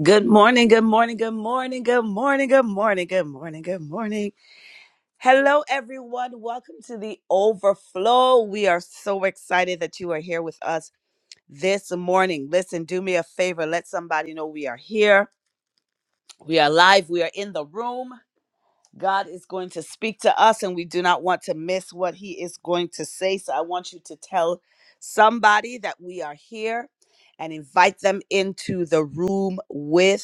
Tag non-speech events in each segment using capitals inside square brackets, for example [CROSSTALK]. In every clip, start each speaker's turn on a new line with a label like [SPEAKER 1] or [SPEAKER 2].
[SPEAKER 1] Good morning, good morning, good morning, good morning, good morning, good morning, good morning. Hello, everyone. Welcome to the overflow. We are so excited that you are here with us this morning. Listen, do me a favor. Let somebody know we are here. We are live. We are in the room. God is going to speak to us, and we do not want to miss what he is going to say. So I want you to tell somebody that we are here and invite them into the room with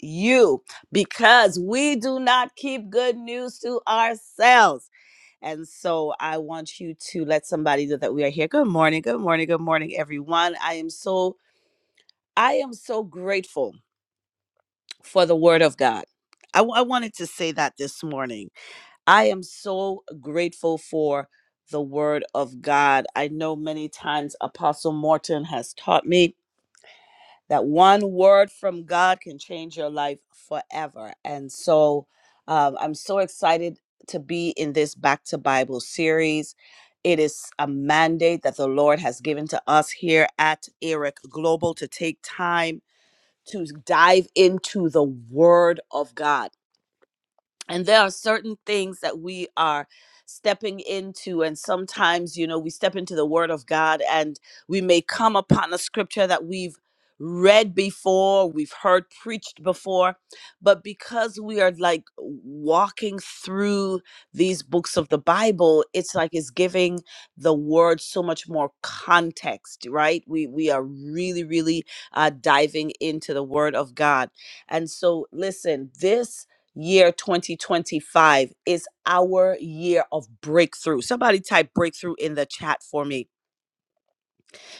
[SPEAKER 1] you because we do not keep good news to ourselves. And so I want you to let somebody know that we are here. Good morning. Good morning. Good morning everyone. I am so I am so grateful for the word of God. I, w- I wanted to say that this morning. I am so grateful for the word of God. I know many times Apostle Morton has taught me that one word from God can change your life forever. And so um, I'm so excited to be in this Back to Bible series. It is a mandate that the Lord has given to us here at Eric Global to take time to dive into the Word of God and there are certain things that we are stepping into and sometimes you know we step into the word of god and we may come upon a scripture that we've read before we've heard preached before but because we are like walking through these books of the bible it's like it's giving the word so much more context right we we are really really uh diving into the word of god and so listen this year 2025 is our year of breakthrough. Somebody type breakthrough in the chat for me.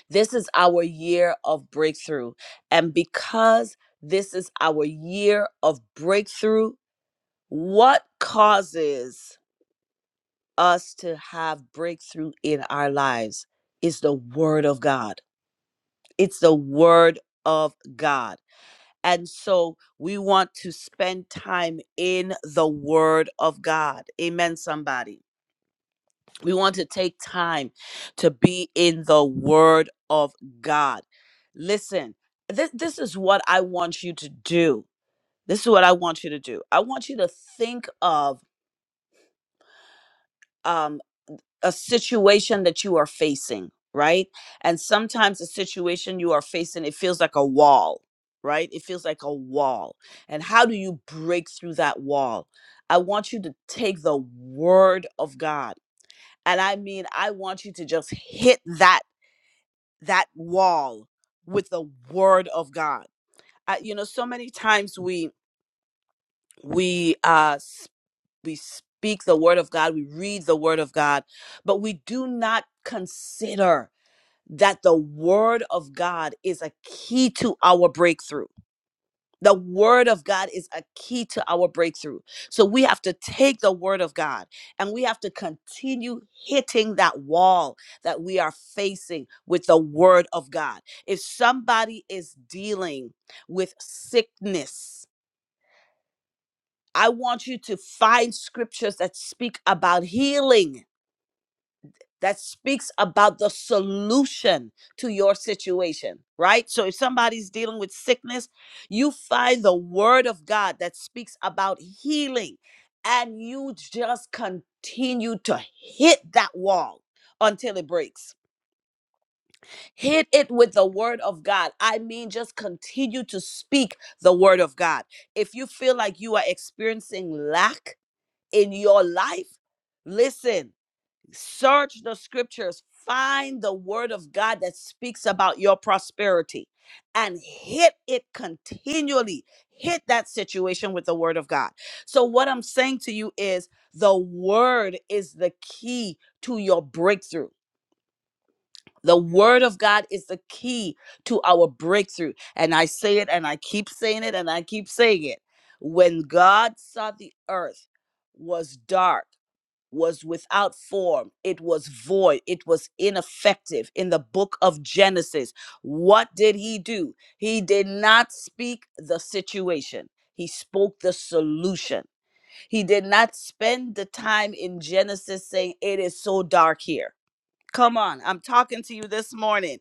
[SPEAKER 1] This is our year of breakthrough. And because this is our year of breakthrough, what causes us to have breakthrough in our lives is the Word of God. It's the Word of God. And so we want to spend time in the Word of God. Amen, somebody We want to take time to be in the Word of God. Listen, this, this is what I want you to do. This is what I want you to do. I want you to think of um, a situation that you are facing, right? And sometimes the situation you are facing, it feels like a wall, right? It feels like a wall. And how do you break through that wall? I want you to take the Word of God. And I mean, I want you to just hit that that wall with the word of God. Uh, you know, so many times we we uh s- we speak the word of God, we read the word of God, but we do not consider that the word of God is a key to our breakthrough the word of God is a key to our breakthrough. So we have to take the word of God and we have to continue hitting that wall that we are facing with the word of God. If somebody is dealing with sickness, I want you to find scriptures that speak about healing that speaks about the solution to your situation, right? So if somebody's dealing with sickness, you find the word of God that speaks about healing and you just continue to hit that wall until it breaks. Hit it with the word of God. I mean, just continue to speak the word of God. If you feel like you are experiencing lack in your life, listen search the scriptures, find the word of God that speaks about your prosperity and hit it continually. Hit that situation with the word of God. So, what I'm saying to you is the word is the key to your breakthrough. The word of God is the key to our breakthrough. And I say it and I keep saying it and I keep saying it. When God saw the earth was dark, was without form, it was void, it was ineffective in the book of Genesis. What did he do? He did not speak the situation. He spoke the solution. He did not spend the time in Genesis saying, It is so dark here. Come on, I'm talking to you this morning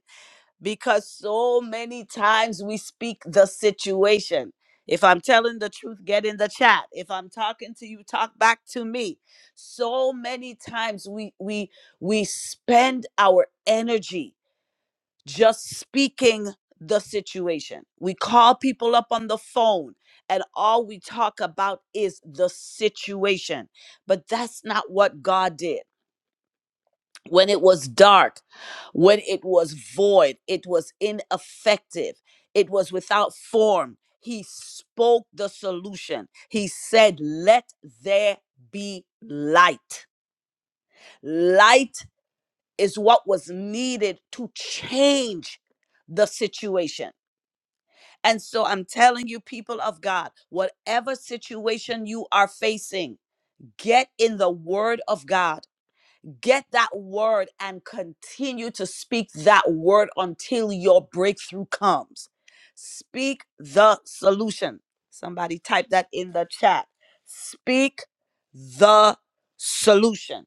[SPEAKER 1] because so many times we speak the situation. If I'm telling the truth, get in the chat. If I'm talking to you, talk back to me. So many times we we we spend our energy just speaking the situation. We call people up on the phone and all we talk about is the situation. But that's not what God did when it was dark, when it was void, it was ineffective, it was without form. He spoke the solution. He said, Let there be light. Light is what was needed to change the situation. And so I'm telling you, people of God, whatever situation you are facing, get in the word of God Get that word and continue to speak that word until your breakthrough comes. Speak the solution. Somebody type that in the chat. Speak the solution.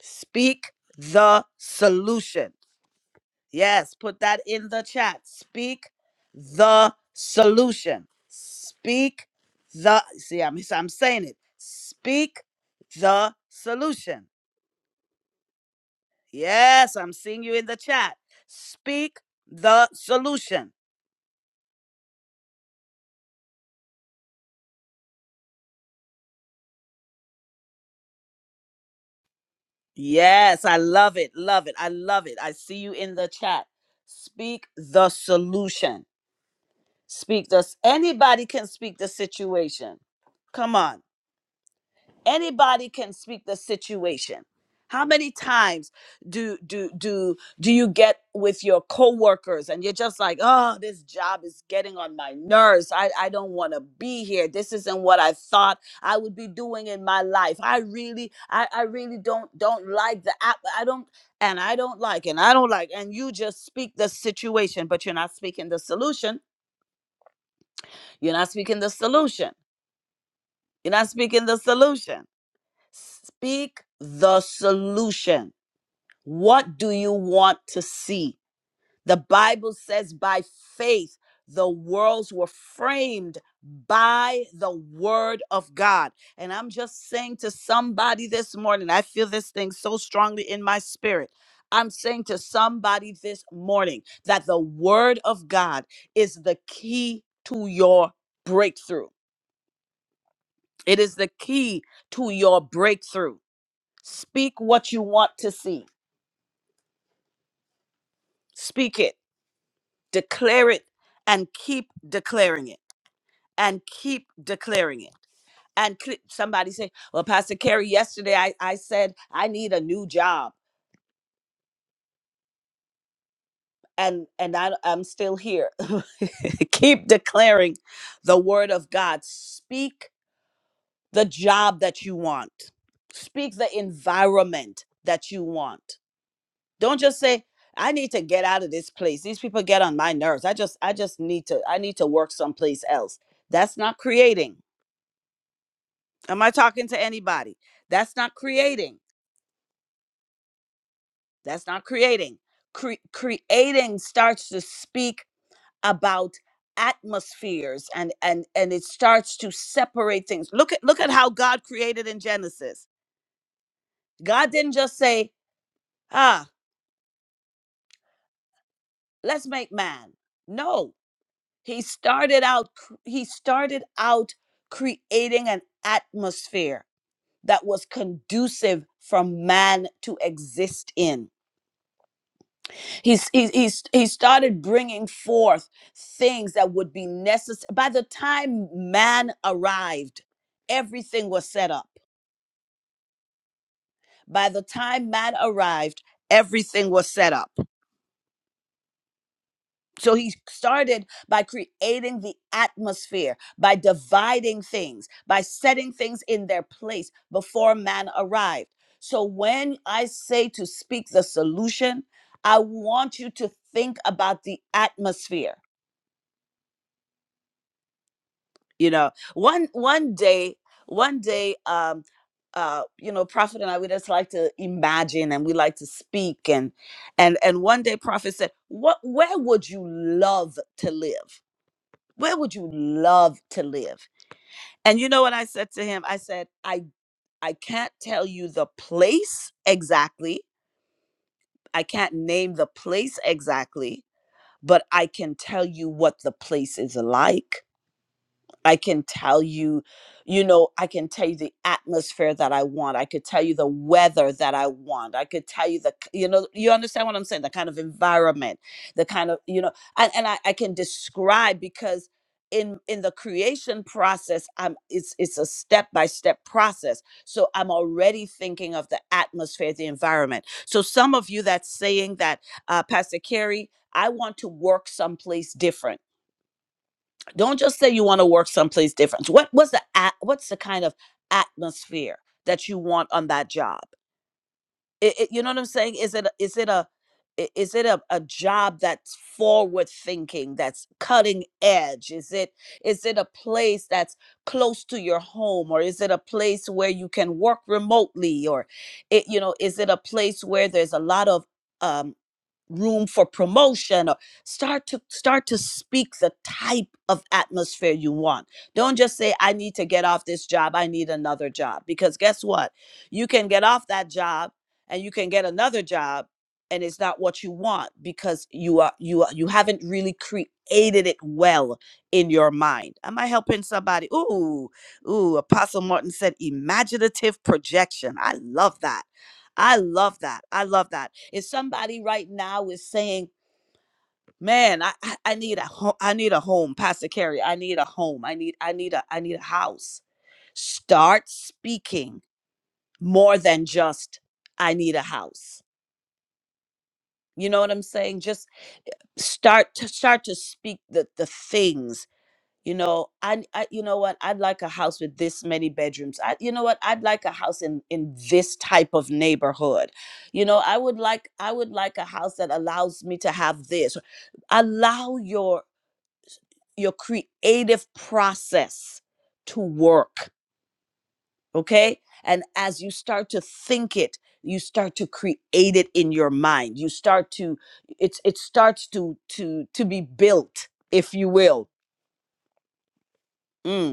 [SPEAKER 1] Speak the solution. Yes, put that in the chat. Speak the solution. Speak the see, I'm, I'm saying it. Speak the solution Yes, I'm seeing you in the chat. Speak the solution. Yes, I love it. Love it. I love it. I see you in the chat. Speak the solution. Speak the. Anybody can speak the situation. Come on. anybody can speak the situation how many times do do do do you get with your coworkers and you're just like oh this job is getting on my nerves i i don't want to be here this isn't what i thought i would be doing in my life i really i i really don't don't like the app i don't and i don't like and i don't like and you just speak the situation but you're not speaking the solution you're not speaking the solution you're not speaking the solution Speak the solution. What do you want to see? The Bible says by faith, the worlds were framed by the word of God. And I'm just saying to somebody this morning, I feel this thing so strongly in my spirit. I'm saying to somebody this morning that the word of God is the key to your breakthrough. It is the key to your breakthrough. Speak what you want to see. Speak it, declare it, and keep declaring it, and keep declaring it. And cl- somebody say, "Well, Pastor Carey, yesterday I, I said I need a new job, and and I, I'm still here." [LAUGHS] keep declaring the word of God. Speak the job that you want. Speak the environment that you want Don't just say, I need to get out of this place. These people get on my nerves. I just I just need to I need to work someplace else. That's not creating. Am I talking to anybody? That's not creating. That's not creating. Cre- creating starts to speak about atmospheres and and and it starts to separate things. Look at look at how God created in Genesis. God didn't just say, "Ah, let's make man." No, He started out he started out creating an atmosphere that was conducive for man to exist in. He's, he, he's, he started bringing forth things that would be necessary. By the time man arrived, everything was set up. By the time man arrived, everything was set up. So he started by creating the atmosphere, by dividing things, by setting things in their place before man arrived. So when I say to speak the solution, I want you to think about the atmosphere. You know, one one day, one day, um, uh, you know, Prophet and I we just like to imagine and we like to speak and and and one day Prophet said, What where would you love to live? where would you love to live and you know what i said to him i said i i can't tell you the place exactly i can't name the place exactly but i can tell you what the place is like I can tell you, you know, I can tell you the atmosphere that I want. I could tell you the weather that I want. I could tell you the, k- you know, you understand what I'm saying? The kind of environment, the kind of, you know, and, and I, I can describe because in in the creation process, I'm it's it's a step by step process. So I'm already thinking of the atmosphere, the environment. So some of you that's saying that, uh, Pastor Carey, I want to work someplace different don't just say you want to work someplace different what what's the at, what's the kind of atmosphere that you want on that job It- it- you know what i'm saying is it a- is it a i- is it a, a job that's forward thinking that's cutting edge is it is it a place that's close to your home or is it a place where you can work remotely or it you know is it a place where there's a lot of um room for promotion or start to start to speak the type of atmosphere you want don't just say i need to get off this job i need another job because guess what you can get off that job and you can get another job and it's not what you want because you are you are you haven't really created it well in your mind am i helping somebody ooh ooh apostle martin said imaginative projection i love that I love that. I love that. If somebody right now is saying, "Man, I I I need a home. I need a home, Pastor Carrie. I need a home. I need I need a I need a house." Start speaking more than just "I need a house." You know what I'm saying? Just start to start to speak the the things you know I, I you know what i'd like a house with this many bedrooms I, you know what i'd like a house in in this type of neighborhood you know i would like i would like a house that allows me to have this allow your your creative process to work okay and as you start to think it you start to create it in your mind you start to it's it starts to to to be built if you will Mm.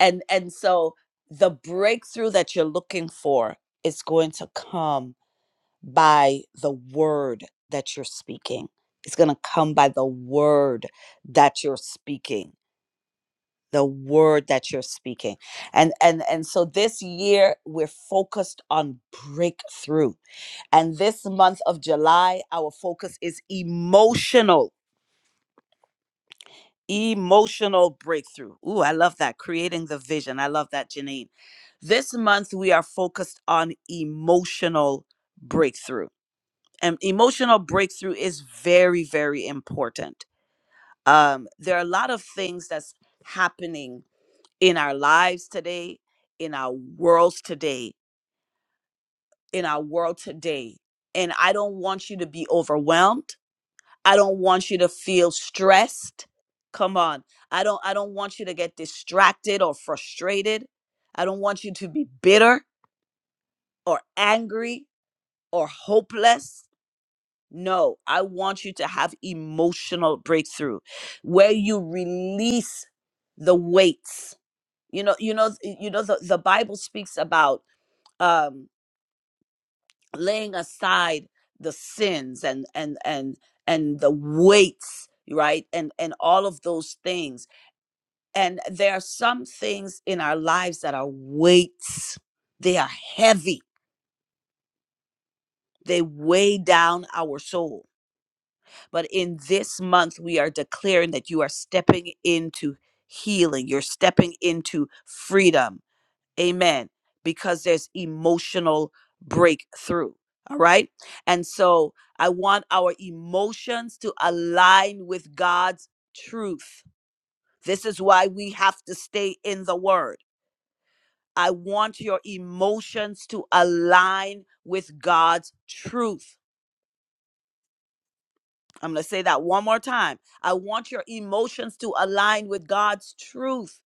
[SPEAKER 1] and and so the breakthrough that you're looking for is going to come by the word that you're speaking it's going to come by the word that you're speaking the word that you're speaking and and and so this year we're focused on breakthrough and this month of july our focus is emotional emotional breakthrough. Ooh, I love that. Creating the vision. I love that, Janine. This month, we are focused on emotional breakthrough. And emotional breakthrough is very, very important. Um, there are a lot of things that's happening in our lives today, in our worlds today, in our world today. And I don't want you to be overwhelmed. I don't want you to feel stressed. Come on. I don't I don't want you to get distracted or frustrated. I don't want you to be bitter or angry or hopeless. No, I want you to have emotional breakthrough where you release the weights. You know, you know, you know the, the Bible speaks about um laying aside the sins and and and and the weights, right? And and all of those things And there are some things in our lives that are weights. They are heavy. They weigh down our soul. But in this month, we are declaring that you are stepping into healing. You're stepping into freedom. Amen. Because there's emotional breakthrough. All right. And so I want our emotions to align with God's truth. This is why we have to stay in the word. I want your emotions to align with God's truth. I'm going to say that one more time. I want your emotions to align with God's truth.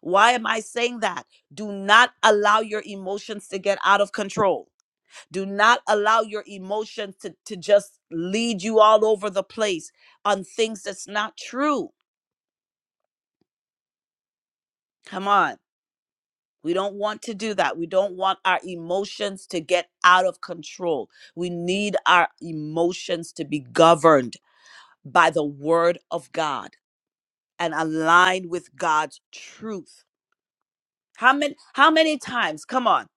[SPEAKER 1] Why am I saying that? Do not allow your emotions to get out of control. Do not allow your emotions to, to just lead you all over the place on things that's not true. Come on. We don't want to do that. We don't want our emotions to get out of control. We need our emotions to be governed by the word of God and aligned with God's truth. How many how many times? Come on.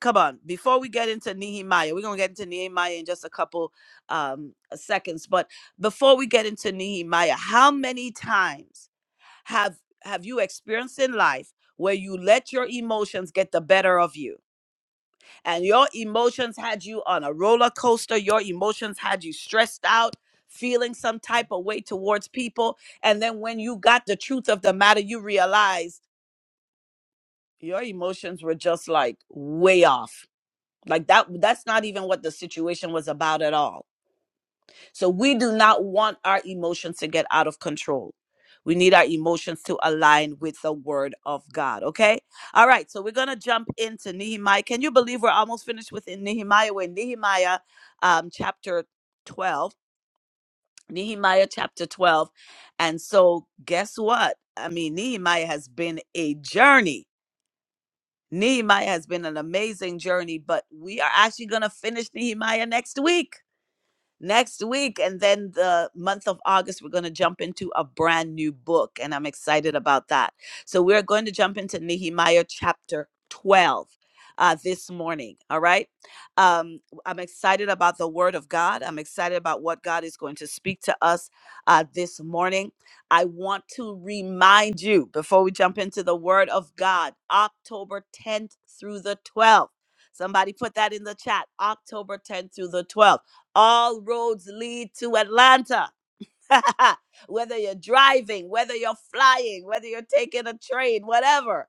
[SPEAKER 1] Come on. Before we get into Nehemiah, we're going to get into Nehemiah in just a couple um seconds, but before we get into Nehemiah, how many times have have you experienced in life where you let your emotions get the better of you? and your emotions had you on a roller coaster. Your emotions had you stressed out, feeling some type of way towards people. And then when you got the truth of the matter, you realized your emotions were just like way off. Like that, that's not even what the situation was about at all so we do not want our emotions to get out of control. We need our emotions to align with the word of God. Okay. All right. So we're going to jump into Nehemiah. Can you believe we're almost finished with Nehemiah? We're in Nehemiah um, chapter 12. Nehemiah chapter 12. And so guess what? I mean, Nehemiah has been a journey. Nehemiah has been an amazing journey, but we are actually going to finish Nehemiah next week next week. And then the month of August, we're going to jump into a brand new book. And I'm excited about that. So we're going to jump into Nehemiah chapter 12 uh, this morning. All right. Um, I'm excited about the word of God. I'm excited about what God is going to speak to us uh, this morning. I want to remind you before we jump into the word of God, October 10th through the 12th. Somebody put that in the chat. October 10th through the 12th. All roads lead to Atlanta. [LAUGHS] whether you're driving, whether you're flying, whether you're taking a train, whatever.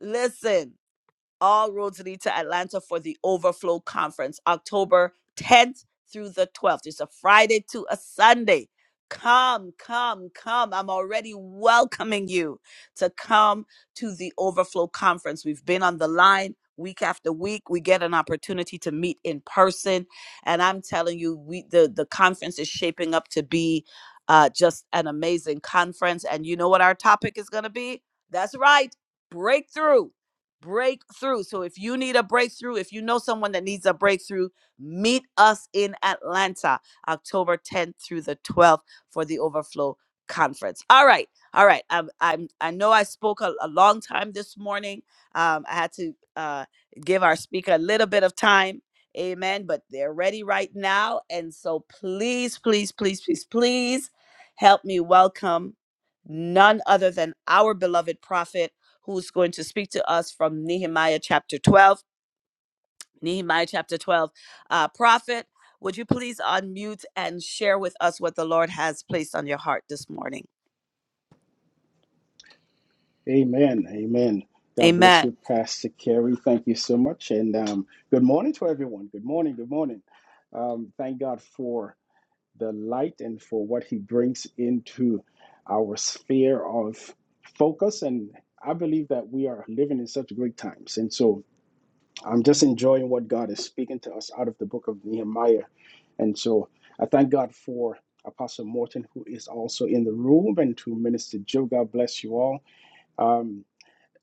[SPEAKER 1] Listen, all roads lead to Atlanta for the Overflow Conference, October 10th through the 12th. It's a Friday to a Sunday. Come, come, come. I'm already welcoming you to come to the Overflow Conference. We've been on the line week after week. We get an opportunity to meet in person. And I'm telling you, we the, the conference is shaping up to be uh, just an amazing conference. And you know what our topic is going to be? That's right, breakthrough breakthrough. So if you need a breakthrough, if you know someone that needs a breakthrough, meet us in Atlanta, October 10th through the 12th for the Overflow Conference. All right, all right. I'm, I'm I know I spoke a, a long time this morning. Um, I had to uh, give our speaker a little bit of time. Amen. But they're ready right now, and so please, please, please, please, please help me welcome none other than our beloved prophet who's going to speak to us from Nehemiah chapter 12. Nehemiah chapter 12. Uh, prophet, would you please unmute and share with us what the Lord has placed on your heart this morning?
[SPEAKER 2] Amen. Amen. God bless
[SPEAKER 1] Amen.
[SPEAKER 2] you, Pastor Kerry. Thank you so much. And um, good morning to everyone. Good morning. Good morning. Um, thank God for the light and for what he brings into our sphere of focus. And I believe that we are living in such great times. And so I'm just enjoying what God is speaking to us out of the book of Nehemiah. And so I thank God for Apostle Morton, who is also in the room, and to Minister Joe. God bless you all. Um,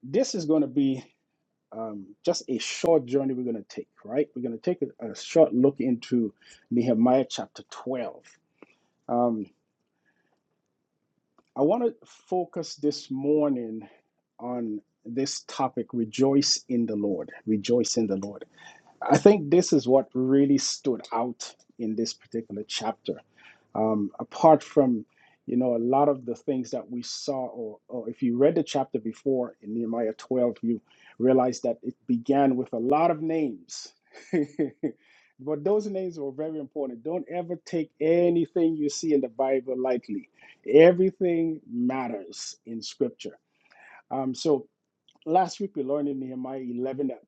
[SPEAKER 2] this is going to be um, just a short journey we're going to take, right? We're going to take a, a short look into Nehemiah chapter 12. Um, I want to focus this morning on this topic rejoice in the Lord. Rejoice in the Lord. I think this is what really stood out in this particular chapter. Um, apart from, you know, a lot of the things that we saw, or, or if you read the chapter before in Nehemiah 12, you realize that it began with a lot of names. [LAUGHS] but those names were very important. Don't ever take anything you see in the Bible lightly, everything matters in Scripture. Um, so Last week we learned in Nehemiah 11 that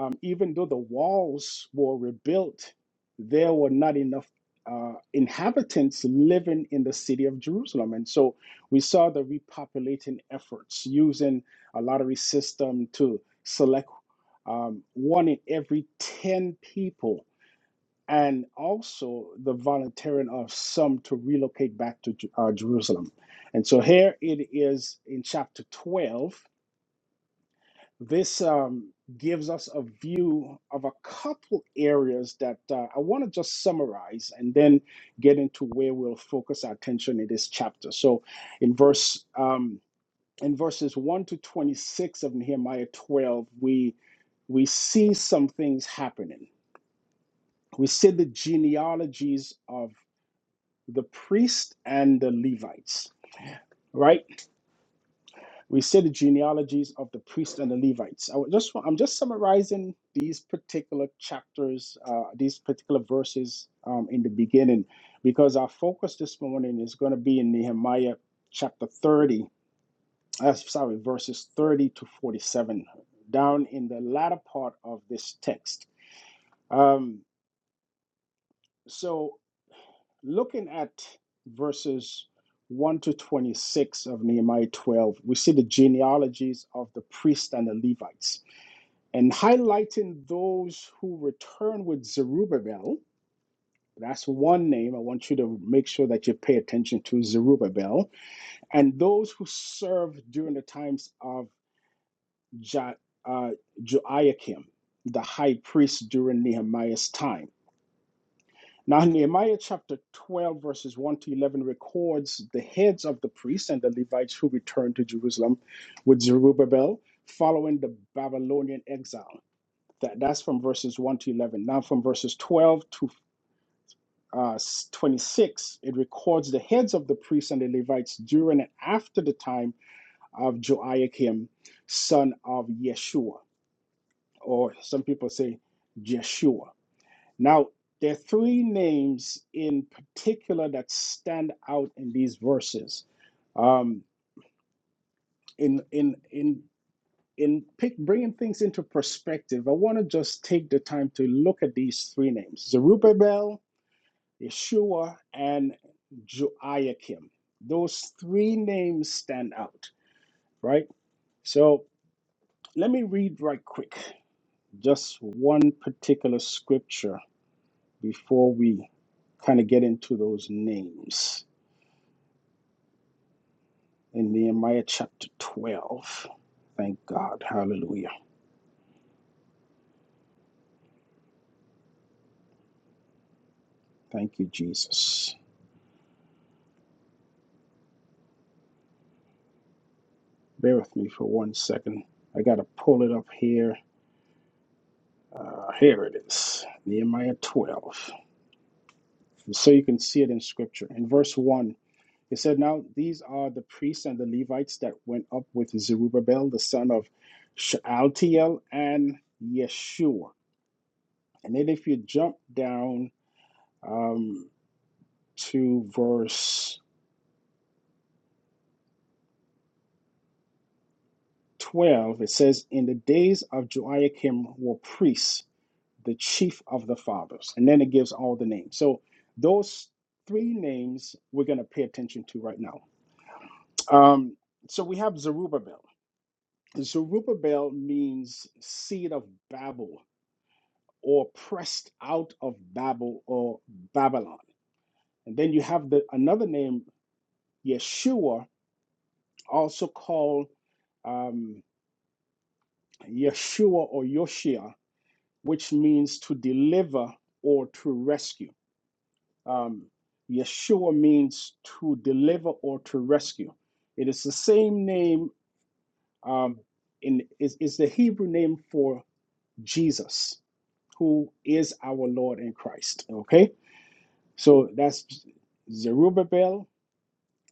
[SPEAKER 2] um, even though the walls were rebuilt, there were not enough uh, inhabitants living in the city of Jerusalem. And so we saw the repopulating efforts using a lottery system to select um, one in every 10 people. And also the volunteering of some to relocate back to Ju- uh, Jerusalem. And so here it is in chapter 12 this um, gives us a view of a couple areas that uh, I want to just summarize and then get into where we'll focus our attention in this chapter. So, in verse um, in verses one to twenty six of Nehemiah twelve, we we see some things happening. We see the genealogies of the priest and the Levites, right? We see the genealogies of the priests and the Levites. I would just wa- I'm just summarizing these particular chapters, uh, these particular verses um, in the beginning, because our focus this morning is going to be in Nehemiah chapter 30. Uh, sorry, verses 30 to 47, down in the latter part of this text. Um, so, looking at verses 1 to 26 of Nehemiah 12, we see the genealogies of the priests and the Levites and highlighting those who return with Zerubbabel. That's one name. I want you to make sure that you pay attention to Zerubbabel and those who served during the times of Jo- uh, Joachim, the high priest during Nehemiah's time. Now, Nehemiah chapter 12, verses 1 to 11 records the heads of the priests and the Levites who returned to Jerusalem with Zerubbabel following the Babylonian exile. That that's from verses one to eleven. Now from verses twelve to uh, twenty-six, it records the heads of the priests and the Levites during and after the time of Joachim, son of Yeshua, or some people say Jeshua. Now there are three names in particular that stand out in these verses. Um, in in in in pick, bringing things into perspective, I want to just take the time to look at these three names: Zerubbabel, Yeshua, and Joachim. Those three names stand out, right? So let me read right quick just one particular scripture before we kind of get into those names in Nehemiah chapter 12. Thank God. Hallelujah. Thank you, Jesus. Bear with me for one second. I got to pull it up here. Uh, here it is Nehemiah 12. So you can see it in scripture. In verse 1, It said, Now these are the priests and the Levites that went up with Zerubbabel, the son of Shealtiel, and Yeshua. And then if you jump down um, to verse 12, it says, In the days of Joiakim were priests, the chief of the fathers. And then it gives all the names. So those three names we're going to pay attention to right now. Um, so we have Zerubbabel. Zerubbabel means seed of Babel or pressed out of Babel or Babylon. And then you have the another name, Yeshua, also called um, Yeshua or Yoshia, which means to deliver or to rescue. Um, Yeshua means to deliver or to rescue. It is the same name um, in is, is the Hebrew name for Jesus, who is our Lord in Christ. Okay, so that's Zerubbabel,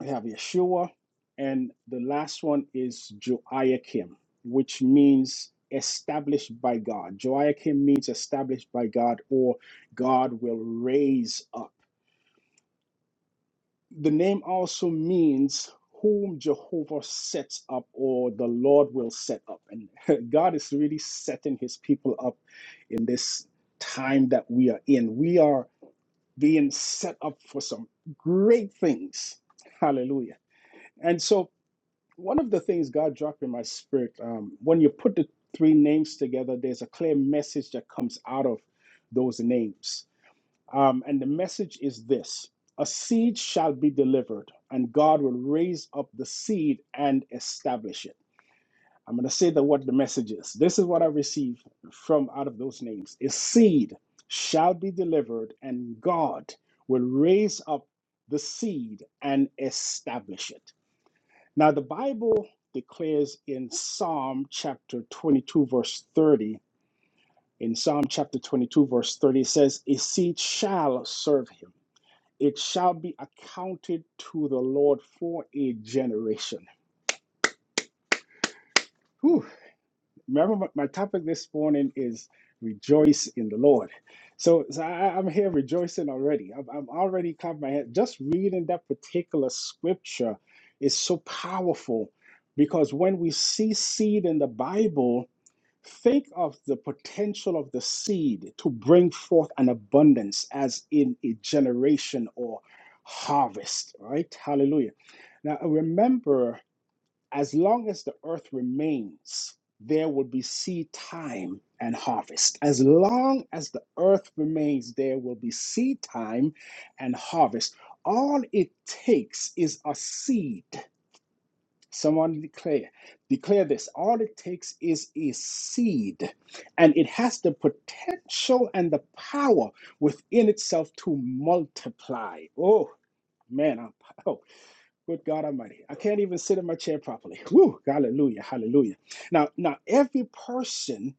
[SPEAKER 2] We have Yeshua, and the last one is Joachim, which means established by God. Joachim means established by God, or God will raise up. The name also means whom Jehovah sets up, or the Lord will set up. And [LAUGHS] God is really setting his people up in this time that we are in. We are being set up for some great things. Hallelujah. And so one of the things God dropped in my spirit, um, when you put the three names together, there's a clear message that comes out of those names. Um, and the message is this a seed shall be delivered, and God will raise up the seed and establish it. I'm going to say that what the message is. This is what I received from out of those names a seed shall be delivered, and God will raise up the seed and establish it. Now, the Bible declares in Psalm chapter 22, verse 30, in Psalm chapter 22, verse 30, it says, A seed shall serve him. It shall be accounted to the Lord for a generation. Whew. Remember, my my topic this morning is rejoice in the Lord. So, so I, I'm here rejoicing already. I'm, I'm already clapping my hand. Just reading that particular scripture is so powerful because when we see seed in the Bible, Think of the potential of the seed to bring forth an abundance, as in a generation or harvest, right? Hallelujah. Now, remember, as long as the earth remains, there will be seed time and harvest. As long as the earth remains, there will be seed time and harvest. All it takes is a seed Someone declare, declare this. All it takes is a seed, and it has the potential and the power within itself to multiply. Oh man, I'm, oh good God Almighty! I can't even sit in my chair properly. Woo! Hallelujah! Hallelujah! Now, now every person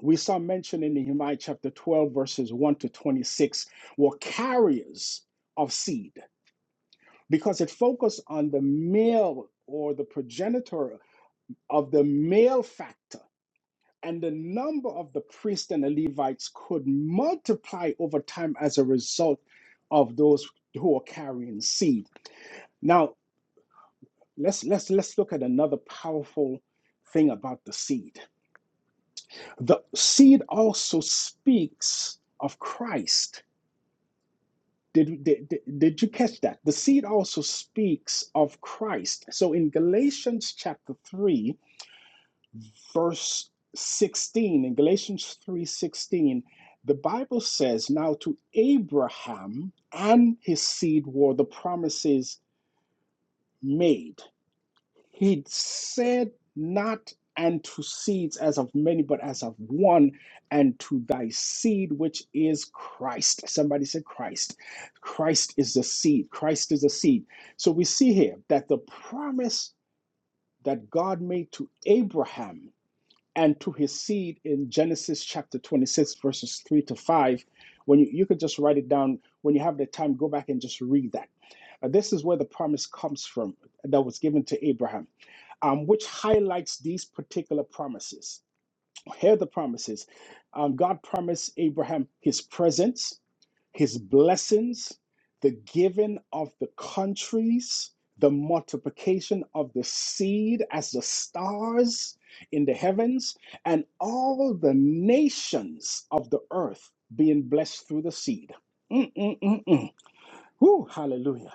[SPEAKER 2] we saw mentioned in Nehemiah chapter twelve, verses one to twenty-six, were carriers of seed because it focused on the male or the progenitor of the male factor and the number of the priests and the Levites could multiply over time as a result of those who are carrying seed. Now, let's let's let's look at another powerful thing about the seed. The seed also speaks of Christ. Did, did, did did you catch that? The seed also speaks of Christ. So in Galatians chapter 3, verse 16 in galatians 3.16 the bible says now to abraham and his seed were the promises made he said not unto seeds as of many but as of one and to thy seed which is christ somebody said christ christ is the seed christ is the seed so we see here that the promise that god made to abraham and to his seed in Genesis chapter 26, verses 3 to 5. When you, you could just write it down, when you have the time, go back and just read that. Uh, this is where the promise comes from that was given to Abraham, um, which highlights these particular promises. Here are the promises. Um, God promised Abraham his presence, his blessings, the giving of the countries, the multiplication of the seed as the stars in the heavens, and all the nations of the earth being blessed through the seed. Mm-mm-mm-mm. Whew, hallelujah.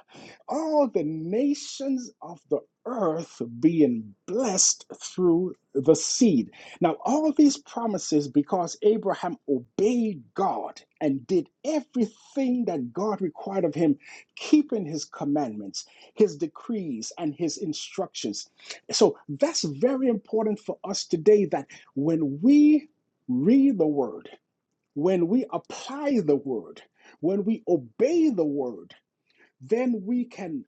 [SPEAKER 2] All the nations of the earth being blessed through the seed. Now, all these promises, because Abraham obeyed God and did everything that God required of him, keeping his commandments, his decrees, and his instructions. So, that's very important for us today that when we read the word, when we apply the word, when we obey the word, then we can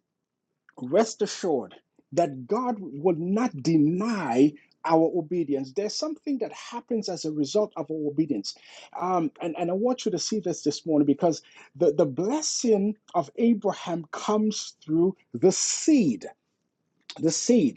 [SPEAKER 2] rest assured that God will not deny our obedience. There's something that happens as a result of our obedience. Um, and, and I want you to see this this morning because the, the blessing of Abraham comes through the seed, the seed.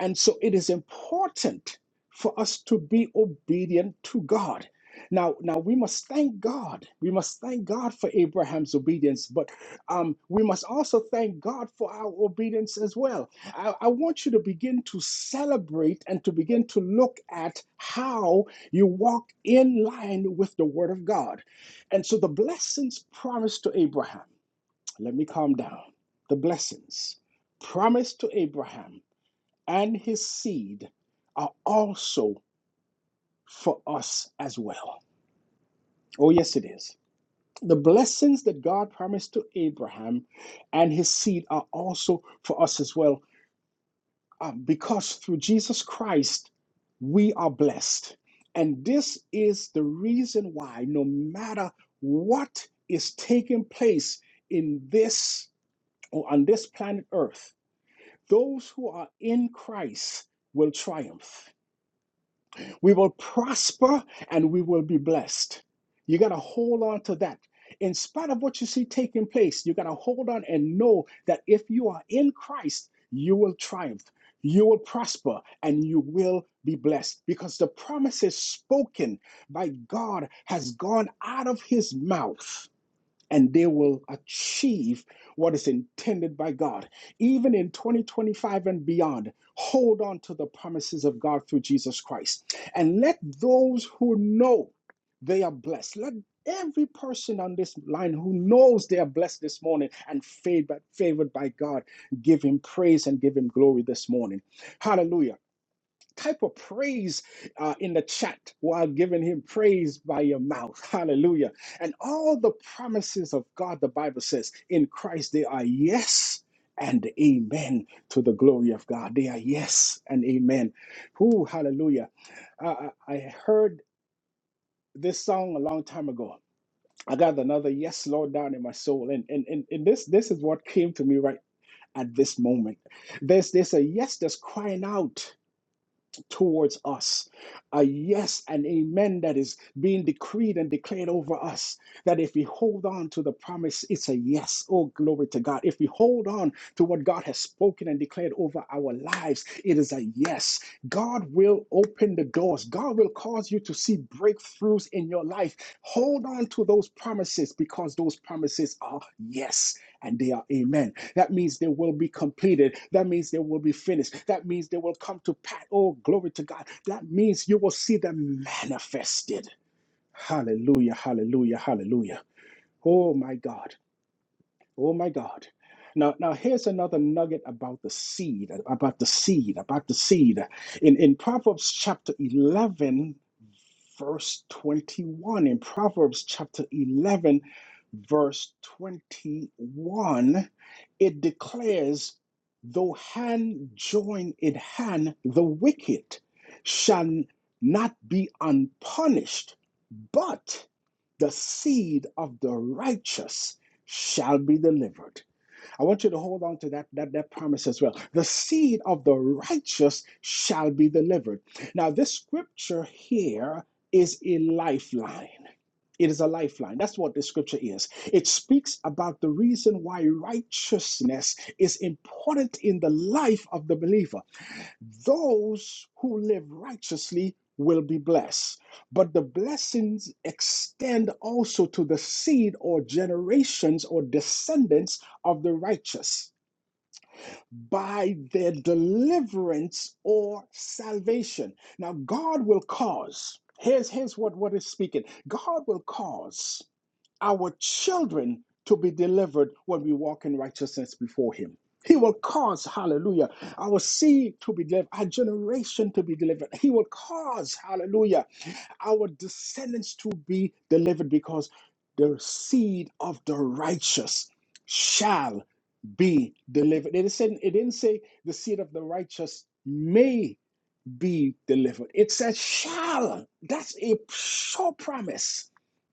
[SPEAKER 2] And so it is important for us to be obedient to God. Now, now we must thank God. We must thank God for Abraham's obedience, but um, we must also thank God for our obedience as well. I, I want you to begin to celebrate and to begin to look at how you walk in line with the Word of God. And so the blessings promised to Abraham, let me calm down. The blessings promised to Abraham and his seed are also for us as well. Oh, yes, it is. The blessings that God promised to Abraham and his seed are also for us as well, uh, because through Jesus Christ, we are blessed. And this is the reason why, no matter what is taking place in this or on this planet Earth, those who are in Christ will triumph We will prosper and we will be blessed. You got to hold on to that. In spite of what you see taking place, you got to hold on and know that if you are in Christ, you will triumph, you will prosper, and you will be blessed because the promises spoken by God has gone out of his mouth and they will achieve what is intended by God. Even in 2025 and beyond, hold on to the promises of God through Jesus Christ. And let those who know they are blessed, let every person on this line who knows they are blessed this morning and favored, favored by God give him praise and give him glory this morning. Hallelujah type of praise uh, in the chat while giving him praise by your mouth. Hallelujah. And all the promises of God, the Bible says, in Christ they are yes and amen to the glory of God. They are yes and amen. Who, hallelujah. I, I I heard this song a long time ago. I got another yes, Lord, down in my soul. And, and, and, and this, this is what came to me right at this moment. There's, there's a yes that's crying out towards us. A yes and amen that is being decreed and declared over us. That if we hold on to the promise, it's a yes. Oh, glory to God. If we hold on to what God has spoken and declared over our lives, it is a yes. God will open the doors. God will cause you to see breakthroughs in your life. Hold on to those promises because those promises are yes and they are amen. That means they will be completed. That means they will be finished. That means they will come to pass. Oh, glory to God. That means you will see them manifested. Hallelujah, hallelujah, hallelujah. Oh my God. Oh my God. Now, now here's another nugget about the seed, about the seed, about the seed. In in Proverbs chapter 11, verse 21. In Proverbs chapter 11, verse 21, it declares, Though hand join in hand, the wicked shall not be unpunished, but the seed of the righteous shall be delivered. I want you to hold on to that, that, that promise as well. The seed of the righteous shall be delivered. Now, this scripture here is a lifeline. It is a lifeline. That's what the scripture is. It speaks about the reason why righteousness is important in the life of the believer. Those who live righteously will be blessed. But the blessings extend also to the seed or generations or descendants of the righteous by their deliverance or salvation. Now, God will cause, here's, here's what, what is speaking God will cause our children to be delivered when we walk in righteousness before Him. He will cause, hallelujah, our seed to be delivered, our generation to be delivered. He will cause, hallelujah, our descendants to be delivered because the seed of the righteous shall be delivered. It, said, it didn't say the seed of the righteous may be delivered. It said shall. That's a sure promise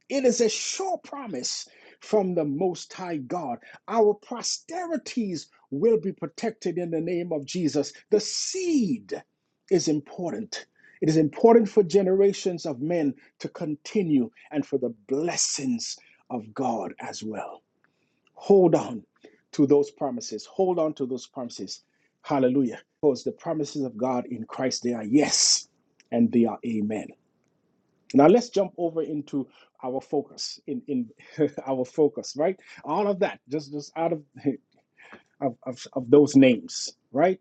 [SPEAKER 2] it is a sure promise from the Most High God. Our posterities will be protected in the name of Jesus. The seed is important. It is important for generations of men to continue and for the blessings of God as well. Hold on to those promises. Hold on to those promises. Hallelujah. Because the promises of God in Christ, they are yes and they are amen. Now let's jump over into our focus in in [LAUGHS] our focus, right? All of that just just out of [LAUGHS] of of, of those names, right?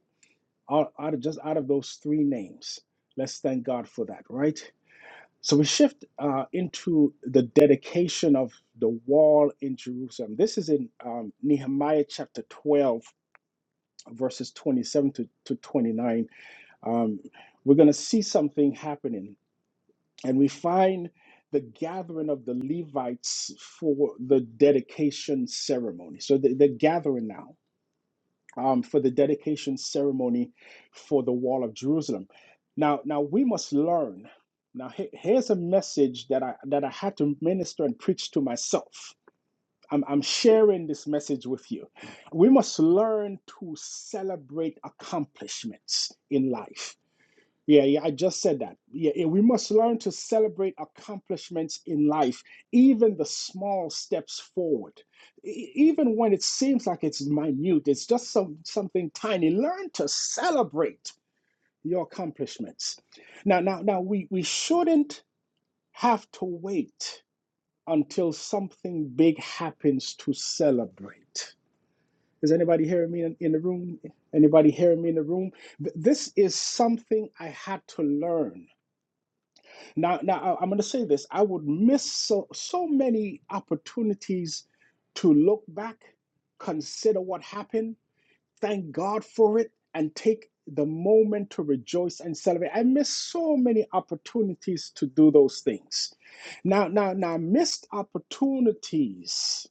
[SPEAKER 2] Out, out of just out of those three names, let's thank God for that, right? So we shift uh, into the dedication of the wall in Jerusalem. This is in um, Nehemiah chapter twelve, verses twenty-seven to, to twenty-nine. Um, we're going to see something happening And we find the gathering of the Levites for the dedication ceremony. So they- they're gathering now um, for the dedication ceremony for the wall of Jerusalem. Now, now we must learn. Now, he- here's a message that I that I had to minister and preach to myself. I'm, I'm sharing this message with you. We must learn to celebrate accomplishments in life yeah, yeah, I just said that. Yeah, yeah, we must learn to celebrate accomplishments in life, even the small steps forward. E- Even when it seems like it's minute, it's just some, something tiny. Learn to celebrate your accomplishments. Now, now, now we, we shouldn't have to wait until something big happens to celebrate. Is anybody hearing me in, in the room? Anybody hearing me in the room? Th- This is something I had to learn Now, now I- I'm going to say this. I would miss so so many opportunities to look back, consider what happened, thank God for it, and take the moment to rejoice and celebrate. I missed so many opportunities to do those things. Now, now, now, missed opportunities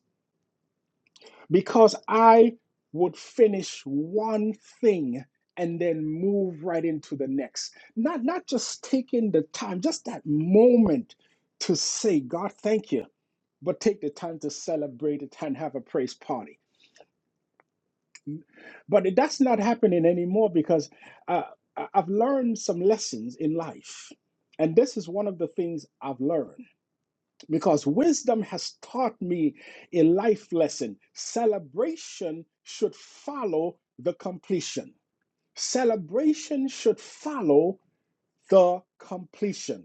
[SPEAKER 2] because I would finish one thing and then move right into the next. Not not just taking the time, just that moment to say, God, thank you, but take the time to celebrate it and have a praise party. But it- that's not happening anymore because uh, I- I've learned some lessons in life. And this is one of the things I've learned. because wisdom has taught me a life lesson. Celebration should follow the completion. Celebration should follow the completion.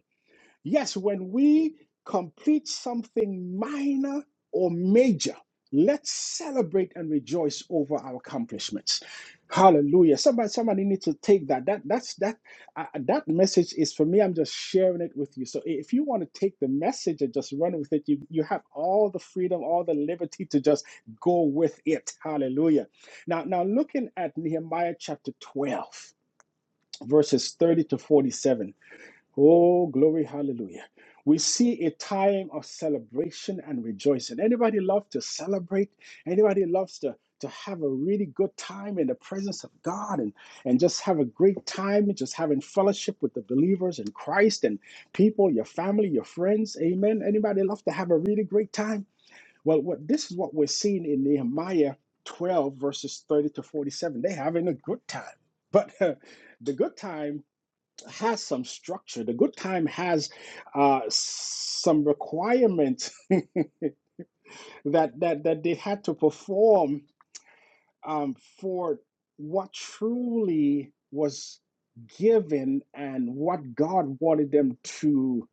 [SPEAKER 2] Yes, when we complete something minor or major, let's celebrate and rejoice over our accomplishments. Hallelujah. Somebody, somebody needs to take that. That that's that uh, that message is for me. I'm just sharing it with you. So if you want to take the message and just run with it, you you have all the freedom, all the liberty to just go with it. Hallelujah. Now, now looking at Nehemiah chapter 12, verses 30 to 47. Oh, glory, hallelujah. We see a time of celebration and rejoicing. Anybody love to celebrate? Anybody loves to, to have a really good time in the presence of God and, and just have a great time, and just having fellowship with the believers in Christ and people, your family, your friends? Amen. Anybody love to have a really great time? Well, what this is what we're seeing in Nehemiah 12, verses 30 to 47. They're having a good time. But [LAUGHS] the good time has some structure. The good time has uh, some requirements that that that they had to perform um, for what truly was given and what God wanted them to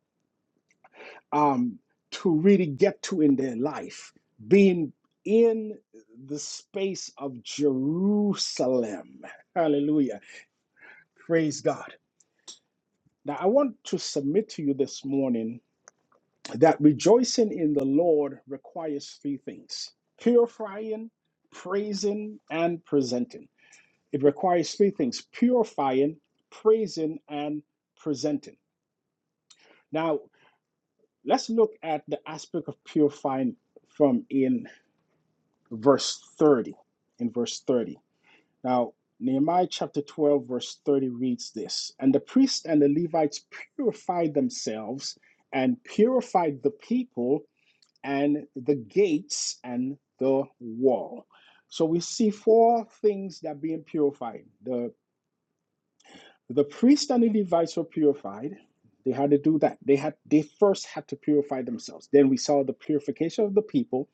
[SPEAKER 2] um, to really get to in their life, being in the space of Jerusalem. Hallelujah! Praise God. Now I want to submit to you this morning that rejoicing in the Lord requires three things purifying, praising, and presenting. It requires three things purifying, praising, and presenting. Now, let's look at the aspect of purifying from in verse 30. In verse 30. Now, Nehemiah chapter 12, verse 30 reads this And the priests and the Levites purified themselves and purified the people and the gates and the wall. So we see four things that are being purified. The the priest and the Levites were purified. They had to do that. They had they first had to purify themselves. Then we saw the purification of the people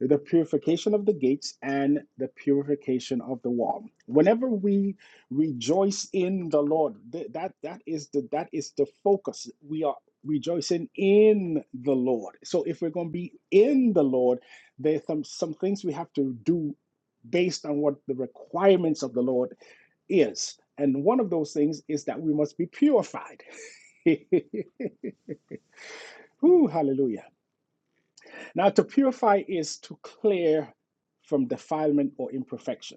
[SPEAKER 2] the purification of the gates and the purification of the wall whenever we rejoice in the lord th- that that is the that is the focus we are rejoicing in the lord so if we're going to be in the lord there's some, some things we have to do based on what the requirements of the lord is and one of those things is that we must be purified [LAUGHS] Ooh, hallelujah now to purify is to clear from defilement or imperfection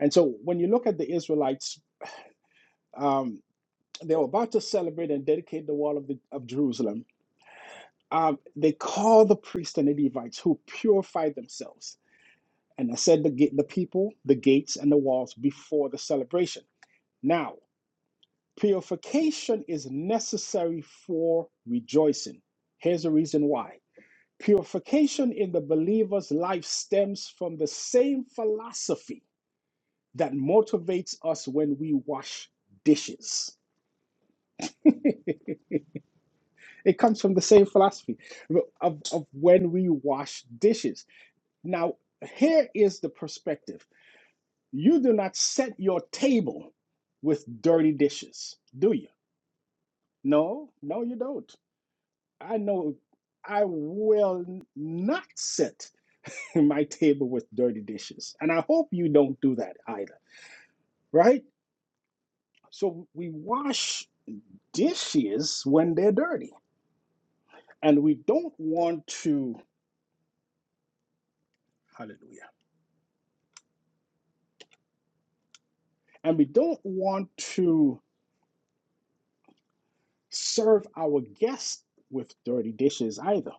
[SPEAKER 2] And so when you look at the Israelites, um, they were about to celebrate and dedicate the wall of, the, of Jerusalem. Um, they called the priests and the Levites who purified themselves and they set the, gate, the people, the gates, and the walls before the celebration. Now, purification is necessary for rejoicing. Here's the reason why. Purification in the believer's life stems from the same philosophy that motivates us when we wash dishes [LAUGHS] it comes from the same philosophy of, of when we wash dishes. Now, here is the perspective you do not set your table with dirty dishes, do you? No, no, you don't. I know I will not set [LAUGHS] my table with dirty dishes. And I hope you don't do that either, right? So we wash dishes when they're dirty, and we don't want to, hallelujah and we don't want to serve our guests with dirty dishes either.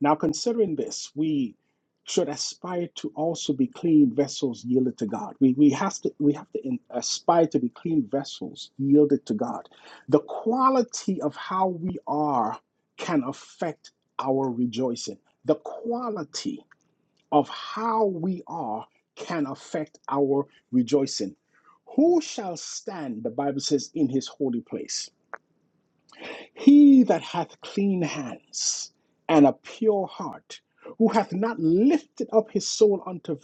[SPEAKER 2] Now, considering this, we should aspire to also be clean vessels yielded to God. We, we, has to, we have to in, aspire to be clean vessels yielded to God. The quality of how we are can affect our rejoicing. The quality. of how we are can affect our rejoicing. Who shall stand, the Bible says, in his holy place? He that hath clean hands and a pure heart, who hath not lifted up his soul unto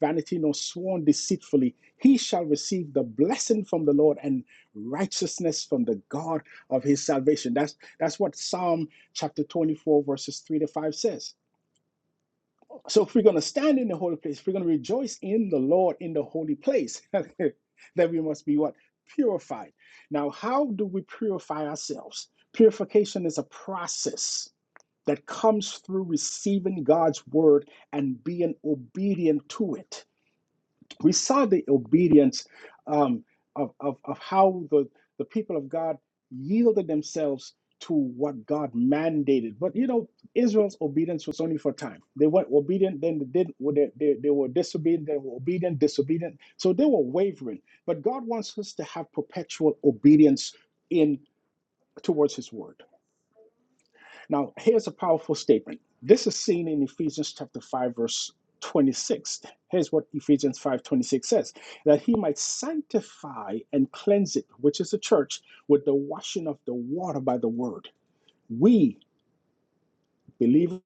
[SPEAKER 2] vanity nor sworn deceitfully, he shall receive the blessing from the Lord and righteousness from the God of his salvation. That's, that's what Psalm chapter 24, verses 3 to 5 says. So if we're going to stand in the holy place, if we're going to rejoice in the Lord in the holy place, [LAUGHS] then we must be what? Purified. Now, how do we purify ourselves? Purification is a process that comes through receiving God's word and being obedient to it we saw the obedience um, of, of, of how the, the people of God yielded themselves to what God mandated. But you know, Israel's obedience was only for time. They were obedient, then they didn't. well, They, they, they were disobedient, they were obedient, disobedient. So they were wavering. But God wants us to have perpetual obedience in towards His word. Now, here's a powerful statement. This is seen in Ephesians chapter 5 verse 26. Here's what Ephesians 5:26 says, that he might sanctify and cleanse it, which is the church, with the washing of the water by the word. We believe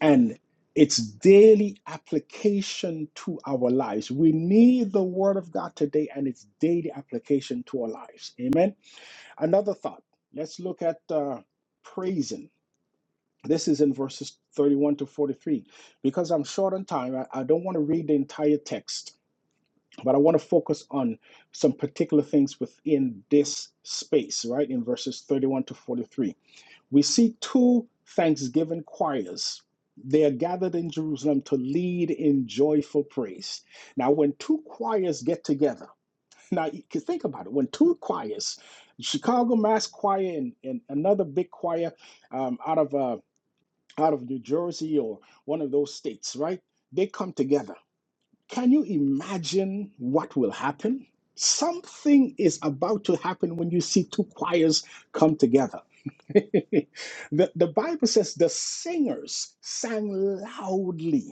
[SPEAKER 2] and it's daily application to our lives. We need the word of God today and its daily application to our lives. Amen. Another thought. Let's look at uh, praising. This is in verses 31 to 43. Because I'm short on time, I, I don't want to read the entire text, but I want to focus on some particular things within this space, right? In verses 31 to 43. We see two thanksgiving choirs. They are gathered in Jerusalem to lead in joyful praise. Now, when two choirs get together, now you can think about it. When two choirs, Chicago Mass Choir and, and another big choir um, out of uh, out of New Jersey or one of those states, right? They come together. Can you imagine what will happen? Something is about to happen when you see two choirs come together. [LAUGHS] the, the Bible says the singers sang loudly.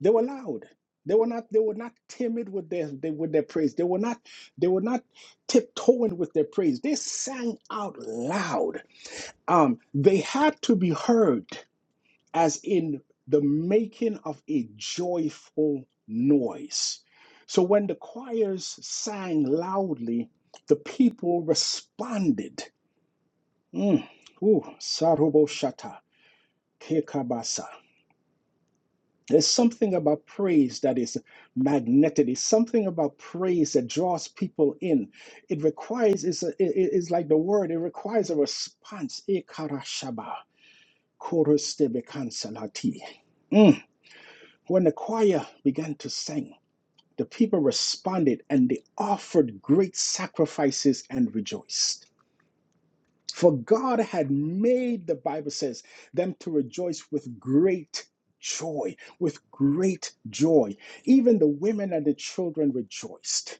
[SPEAKER 2] They were loud. They were not. They were not timid with their they, with their praise. They were not. They were not tiptoeing with their praise. They sang out loud. Um, they had to be heard as in the making of a joyful noise. So when the choirs sang loudly, the people responded. Mm. Ooh, Saruboshata, Kekabasa. There's something about praise that is magnetic. There's something about praise that draws people in. It requires, it's, a, it, it's like the word, it requires a response. Ekarashaba, korostebe kansalati. Mm. When the choir began to sing, the people responded and they offered great sacrifices and rejoiced. For God had made, the Bible says, them to rejoice with great joy, with great joy. Even the women and the children rejoiced.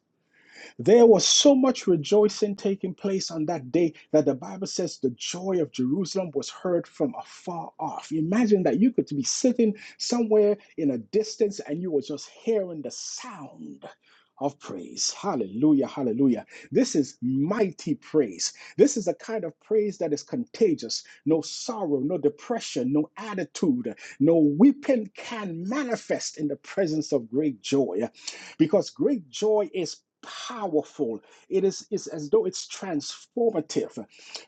[SPEAKER 2] There was so much rejoicing taking place on that day that the Bible says the joy of Jerusalem was heard from afar off. Imagine that you could be sitting somewhere in a distance and you were just hearing the sound of praise. Hallelujah, hallelujah. This is mighty praise. This is a kind of praise that is contagious. No sorrow, no depression, no attitude, no weeping can manifest in the presence of great joy because great joy is powerful it is it's as though it's transformative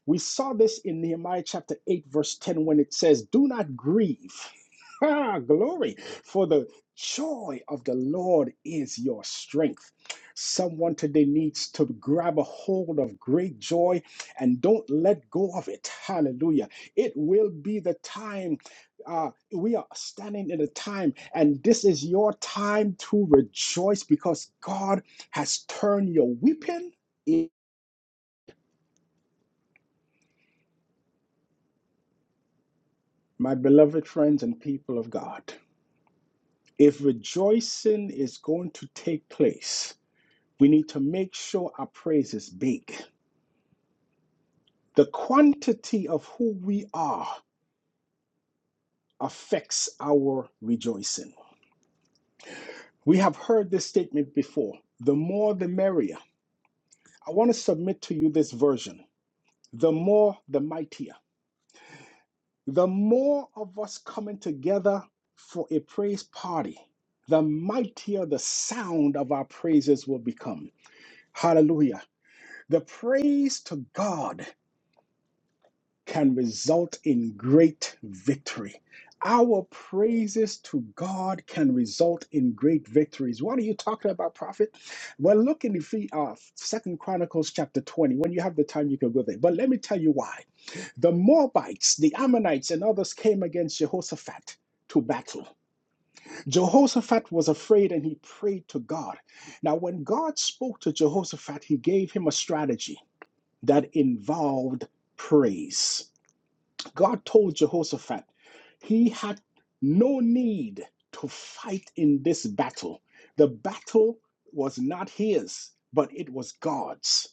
[SPEAKER 2] we saw this in nehemiah chapter 8 verse 10 when it says do not grieve [LAUGHS] glory for the joy of the lord is your strength someone today needs to grab a hold of great joy and don't let go of it hallelujah it will be the time uh, we are standing in a time, and this is your time to rejoice because God has turned your weeping. My beloved friends and people of God, if rejoicing is going to take place, we need to make sure our praise is big. The quantity of who we are affects our rejoicing. We have heard this statement before the more the merrier. I want to submit to you this version the more the mightier. The more of us coming together for a praise party, the mightier the sound of our praises will become. Hallelujah. The praise to God can result in great victory. Our praises to God can result in great victories. What are you talking about, prophet? Well, look in the uh, Second Chronicles chapter 20. When you have the time, you can go there. But let me tell you why. The Moabites, the Ammonites, and others came against Jehoshaphat to battle. Jehoshaphat was afraid and he prayed to God. Now, when God spoke to Jehoshaphat, he gave him a strategy that involved praise. God told Jehoshaphat he had no need to fight in this battle. The battle was not his, but it was God's.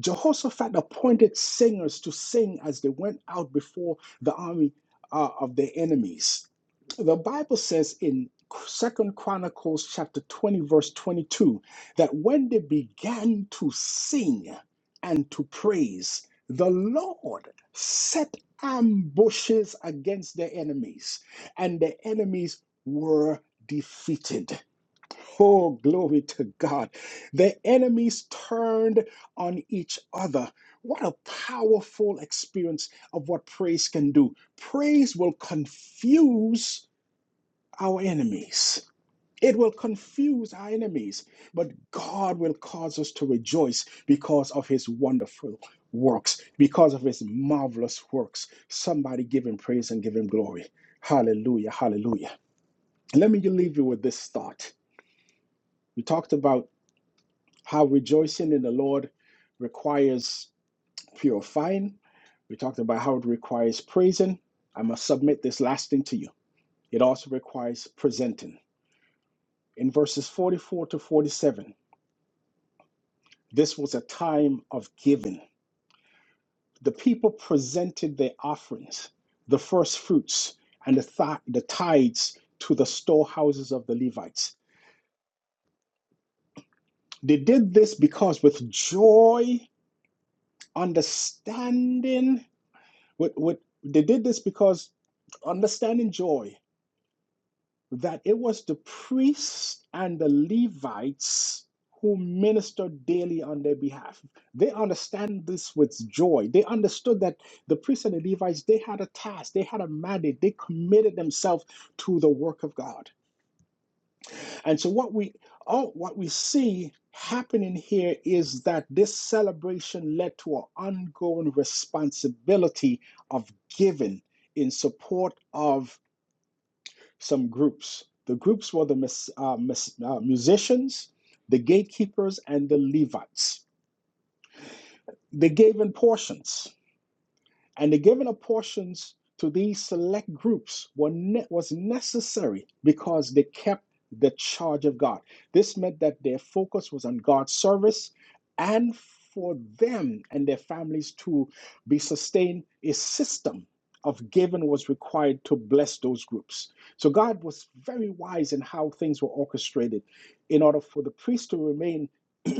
[SPEAKER 2] Jehoshaphat appointed singers to sing as they went out before the army uh, of their enemies. The Bible says in Second Chronicles chapter 20 verse 22 that when they began to sing and to praise, the Lord set ambushes against their enemies, and their enemies were defeated. Oh, glory to God. The enemies turned on each other. What a powerful experience of what praise can do. Praise will confuse our enemies. It will confuse our enemies, but God will cause us to rejoice because of his wonderful works, because of his marvelous works. Somebody give him praise and give him glory. Hallelujah, hallelujah. And let me leave you with this thought. We talked about How rejoicing in the Lord requires purifying. We talked about how it requires praising. I must submit this last thing to you. It also requires presenting. In verses 44 to 47, this was a time of giving. The people presented their offerings, the first fruits, and the, th- the tithes to the storehouses of the Levites. They did this because with joy, understanding, What, what, they did this because understanding joy that it was the priests and the Levites who ministered daily on their behalf. They understand this with joy. They understood that the priests and the Levites, they had a task, they had a mandate, they committed themselves to the work of God. And so what we oh what we see happening here is that this celebration led to an ongoing responsibility of giving in support of some groups. The groups were the uh, uh, musicians, the gatekeepers, and the Levites. They gave in portions and the giving of portions to these select groups were ne- was necessary because they kept the charge of God. This meant that their focus was on God's service and for them and their families to be sustained, a system of giving was required to bless those groups. So God was very wise in how things were orchestrated in order for the priest to remain [CLEARS THROAT]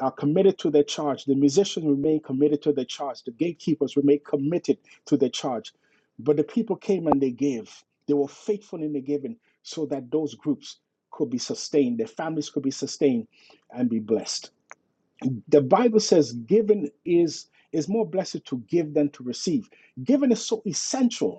[SPEAKER 2] are committed to their charge. The musicians remain committed to their charge. The gatekeepers remain committed to their charge. But the people came and they gave. They were faithful in the giving so that those groups could be sustained, their families could be sustained and be blessed. The Bible says giving is is more blessed to give than to receive. Giving is so essential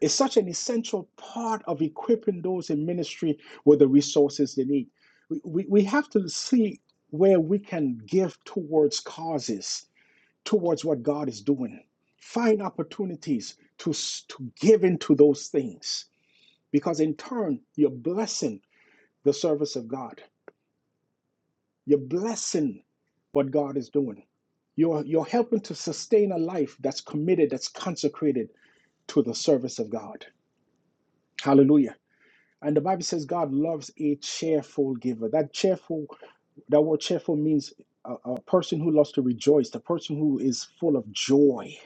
[SPEAKER 2] is such an essential part of equipping those in ministry with the resources they need. We, we, we have to see where we can give towards causes, towards what God is doing. Find opportunities to, to give into those things because, in turn, you're blessing the service of God. You're blessing what God is doing. You're, you're helping to sustain a life that's committed, that's consecrated to the service of God. Hallelujah. And the Bible says God loves a cheerful giver. That cheerful, that word cheerful means a, a person who loves to rejoice, the person who is full of joy.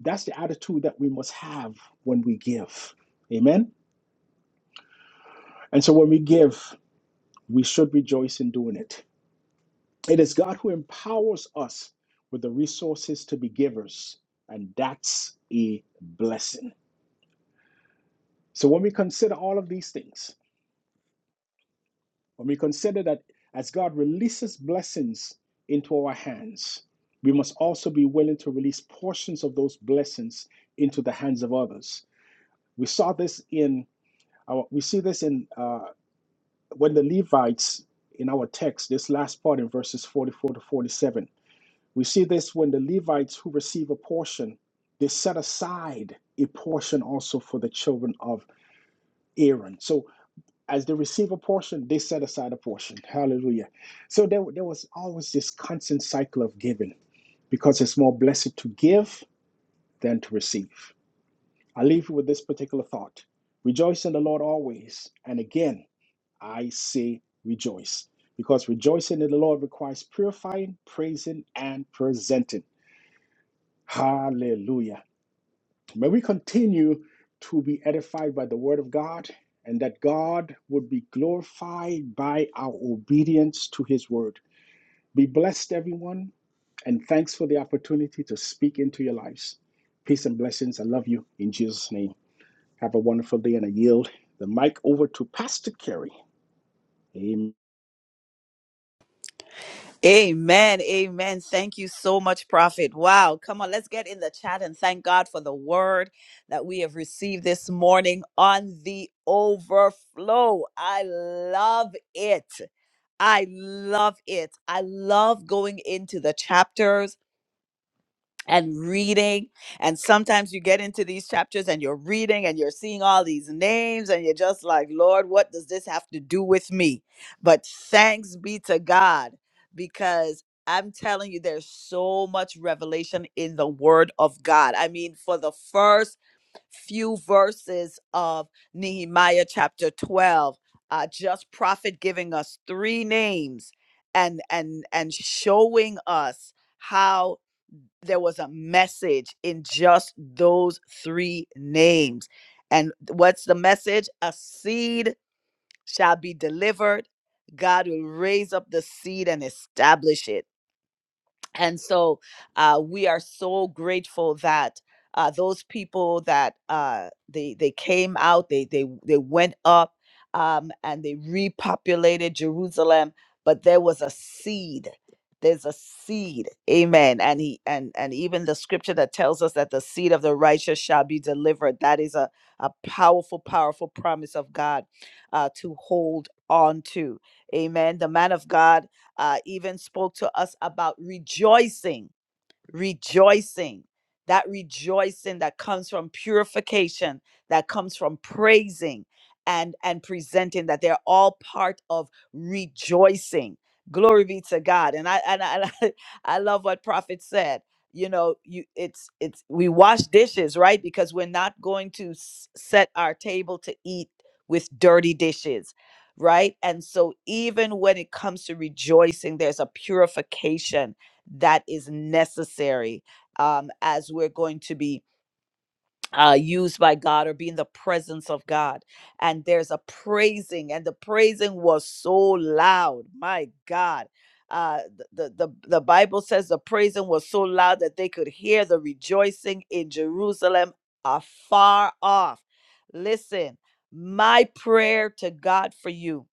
[SPEAKER 2] That's the attitude that we must have when we give. Amen. And so when we give, we should rejoice in doing it. It is God who empowers us with the resources to be givers, and that's a blessing. So when we consider all of these things, When we consider that as God releases blessings into our hands, we must also be willing to release portions of those blessings into the hands of others. We saw this in our, we see this in uh, when the Levites in our text, this last part in verses 44 to 47. We see this when the Levites who receive a portion, they set aside a portion also for the children of Aaron. So as they receive a portion, they set aside a portion. Hallelujah. So there, there was always this constant cycle of giving because it's more blessed to give than to receive. I leave you with this particular thought Rejoice in the Lord always. And again, I say rejoice because rejoicing in the Lord requires purifying, praising, and presenting. Hallelujah. May we continue to be edified by the word of God and that God would be glorified by our obedience to his word. Be blessed, everyone, and thanks for the opportunity to speak into your lives. Peace and blessings. I love you in Jesus' name. Have a wonderful day and I yield the mic over to Pastor Kerry. Amen.
[SPEAKER 1] Amen. Amen. Thank you so much, Prophet. Wow. Come on, let's get in the chat and thank God for the word that we have received this morning on the overflow. I love it. I love it. I love going into the chapters and reading. And sometimes you get into these chapters and you're reading and you're seeing all these names and you're just like, Lord, what does this have to do with me? But thanks be to God because. I'm telling you, there's so much revelation in the word of God. I mean, for the first few verses of Nehemiah chapter 12, uh, just prophet giving us three names and and and showing us how there was a message in just those three names. And what's the message? A seed shall be delivered. God will raise up the seed and establish it and so uh, we are so grateful that uh, those people that uh, they they came out, they they they went up um, and they repopulated Jerusalem, but there was a seed. There's a seed, Amen. And he and and even the scripture that tells us that the seed of the righteous shall be delivered. That is a a powerful, powerful promise of God uh, to hold on to, Amen. The man of God uh, even spoke to us about rejoicing rejoicing, that rejoicing that comes from purification, that comes from praising and and presenting that they're all part of rejoicing. Glory be to God. And I and I, and I, [LAUGHS] I love what prophet said. You know, you it's it's we wash dishes, right? Because we're not going to s- set our table to eat with dirty dishes, right? And so even when it comes to rejoicing, there's a purification that is necessary um, as we're going to be uh, used by God or be in the presence of God. And there's a praising, and the praising was so loud. My God. Uh, th- the, the, the Bible says the praising was so loud that they could hear the rejoicing in Jerusalem afar off. Listen, my prayer to God for you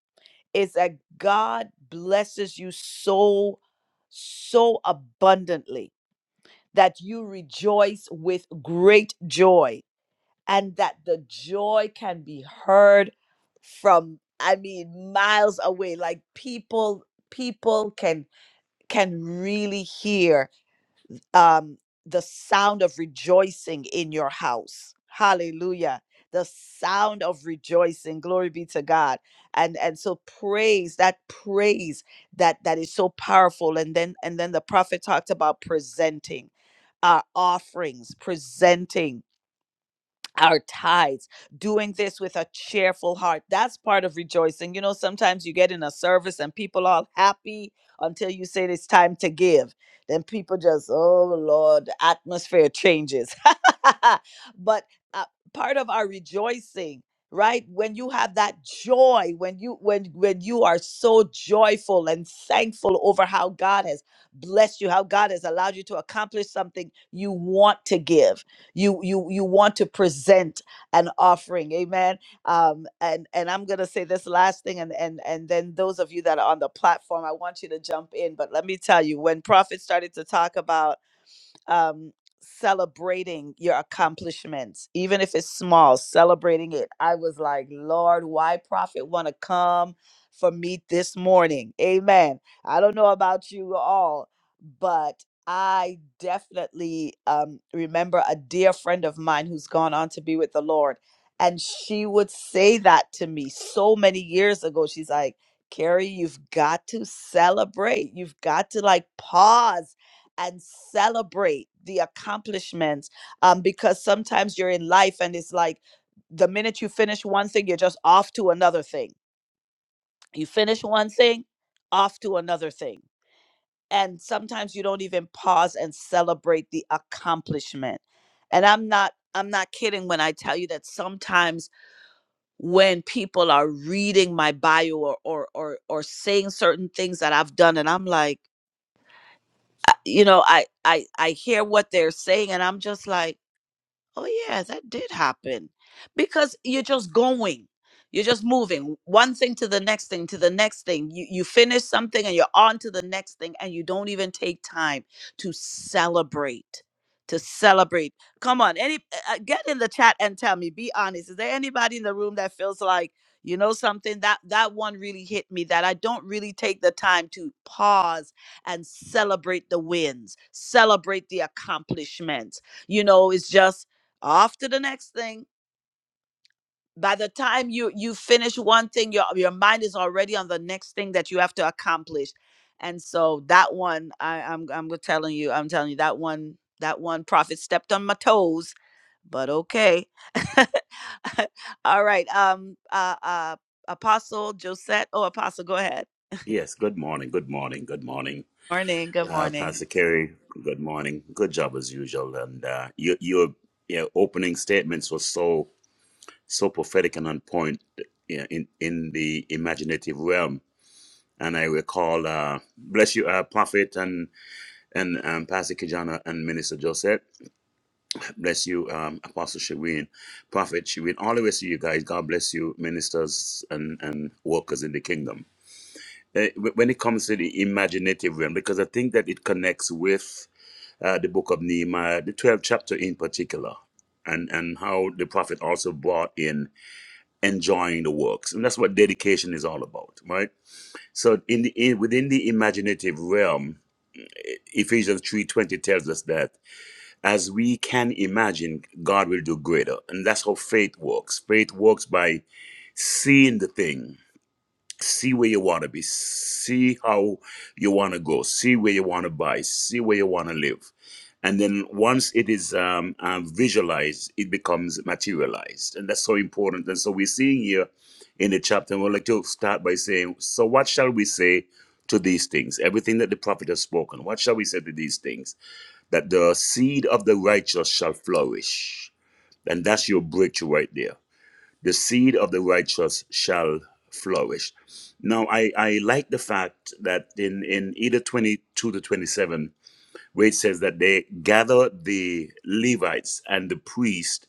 [SPEAKER 1] is that God blesses you so, so abundantly that you rejoice with great joy and that the joy can be heard from i mean miles away like people people can can really hear um, the sound of rejoicing in your house. Hallelujah. The sound of rejoicing. Glory be to God. And and so praise, that praise that that is so powerful. And then and then the prophet talked about presenting our offerings, presenting our tithes, doing this with a cheerful heart. That's part of rejoicing. You know, sometimes you get in a service and people all happy until you say it's time to give. Then people just, oh Lord, the atmosphere changes. [LAUGHS] but uh, part of our rejoicing right when you have that joy when you when when you are so joyful and thankful over how god has blessed you how god has allowed you to accomplish something you want to give you you you want to present an offering amen um and and i'm gonna say this last thing and and and then those of you that are on the platform i want you to jump in but let me tell you when prophet started to talk about um, celebrating your accomplishments, even if it's small, celebrating it. I was like, Lord, why prophet want to come for me this morning? Amen. I don't know about you all, but I definitely um, remember a dear friend of mine who's gone on to be with the Lord. And she would say that to me so many years ago. She's like, Carrie, you've got to celebrate. You've got to like pause and celebrate the accomplishments um, because sometimes you're in life and it's like the minute you finish one thing, you're just off to another thing. You finish one thing, off to another thing. And sometimes you don't even pause and celebrate the accomplishment. And I'm not I'm not kidding when I tell you that sometimes when people are reading my bio or or or, or saying certain things that I've done and I'm like I- you know I I I hear what they're saying and I'm just like Oh yeah, that did happen. Because you're just going. You're just moving one thing to the next thing to the next thing. You you finish something and you're on to the next thing and you don't even take time to celebrate. To celebrate. Come on, any uh, uh, get in the chat and tell me, be honest. Is there anybody in the room that feels like, you know something that that one really hit me that I don't really take the time to pause and celebrate the wins, celebrate the accomplishments. You know, it's just off to the next thing by the time you you finish one thing your your mind is already on the next thing that you have to accomplish and so that one i i'm i'm go- telling you i'm telling you that one that one prophet stepped on my toes but okay [LAUGHS] all right um uh uh apostle josette oh apostle go ahead
[SPEAKER 3] Yes, good morning, good morning, good morning.
[SPEAKER 1] morning good
[SPEAKER 3] Uh,
[SPEAKER 1] morning
[SPEAKER 3] Pastor Kerry, good morning. Good job as usual. And uh, your, your your opening statements were so so prophetic and on point you in in the imaginative realm. And I recall, uh, bless you, uh, Prophet and and um, Pastor Kijana and Minister Joseph. Bless you, um, Apostle Shireen, Prophet Shireen, all the rest of you guys. God bless you, ministers and and workers in the kingdom. uh, when it comes to the imaginative realm, because I think that it connects with uh, the book of Nehemiah, the 12th chapter in particular, and, and how the prophet also brought in enjoying the works. And that's what dedication is all about, right? So in the in, within the imaginative realm, eh, Ephesians 3.20 tells us that as we can imagine, God will do greater. And that's how faith works. Faith works by seeing the thing see where you want to be see how you want to go see where you want to buy see where you want to live and then once it is um, um, visualized it becomes materialized and that's so important and so we're seeing here in the chapter and we'd like to start by saying so what shall we say to these things everything that the prophet has spoken what shall we say to these things that the seed of the righteous shall flourish and that's your breakthrough right there the seed of the righteous shall flourish. Now, I, I like the fact that in, in either 22 to 27, where it says that they gather the Levites and the priest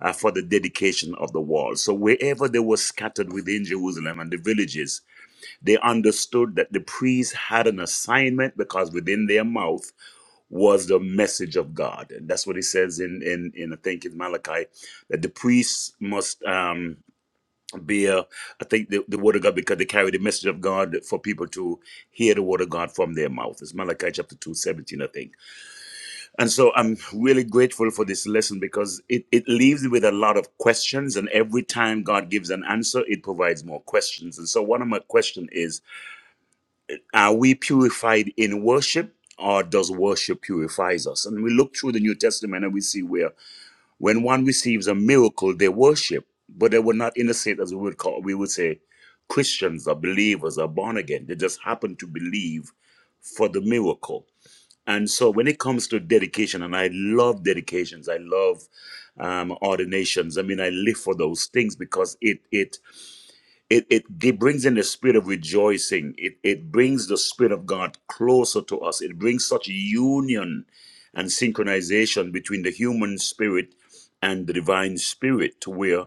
[SPEAKER 3] uh, for the dedication of the wall. So, wherever they were scattered within Jerusalem and the villages, they understood that the priests had an assignment because within their mouth was the message of God. And that's what it says in, in, in I think, in Malachi, that the priests must. Um, be a, I think the, the word of God because they carry the message of God for people to hear the word of God from their mouth. It's Malachi chapter 2 17. I think. And so I'm really grateful for this lesson because it, it leaves you with a lot of questions. And every time God gives an answer, it provides more questions. And so one of my questions is, are we purified in worship? Or does worship purifies us? And we look through the New Testament and we see where when one receives a miracle, they worship, but they were not in the state as we would call we would say Christians or believers or born again. They just happen to believe for the miracle. And so when it comes to dedication, and I love dedications, I love um, ordinations. I mean, I live for those things because it it it, it gi- brings in the spirit of rejoicing. It, it brings the spirit of God closer to us. It brings such union and synchronization between the human spirit and the divine spirit to where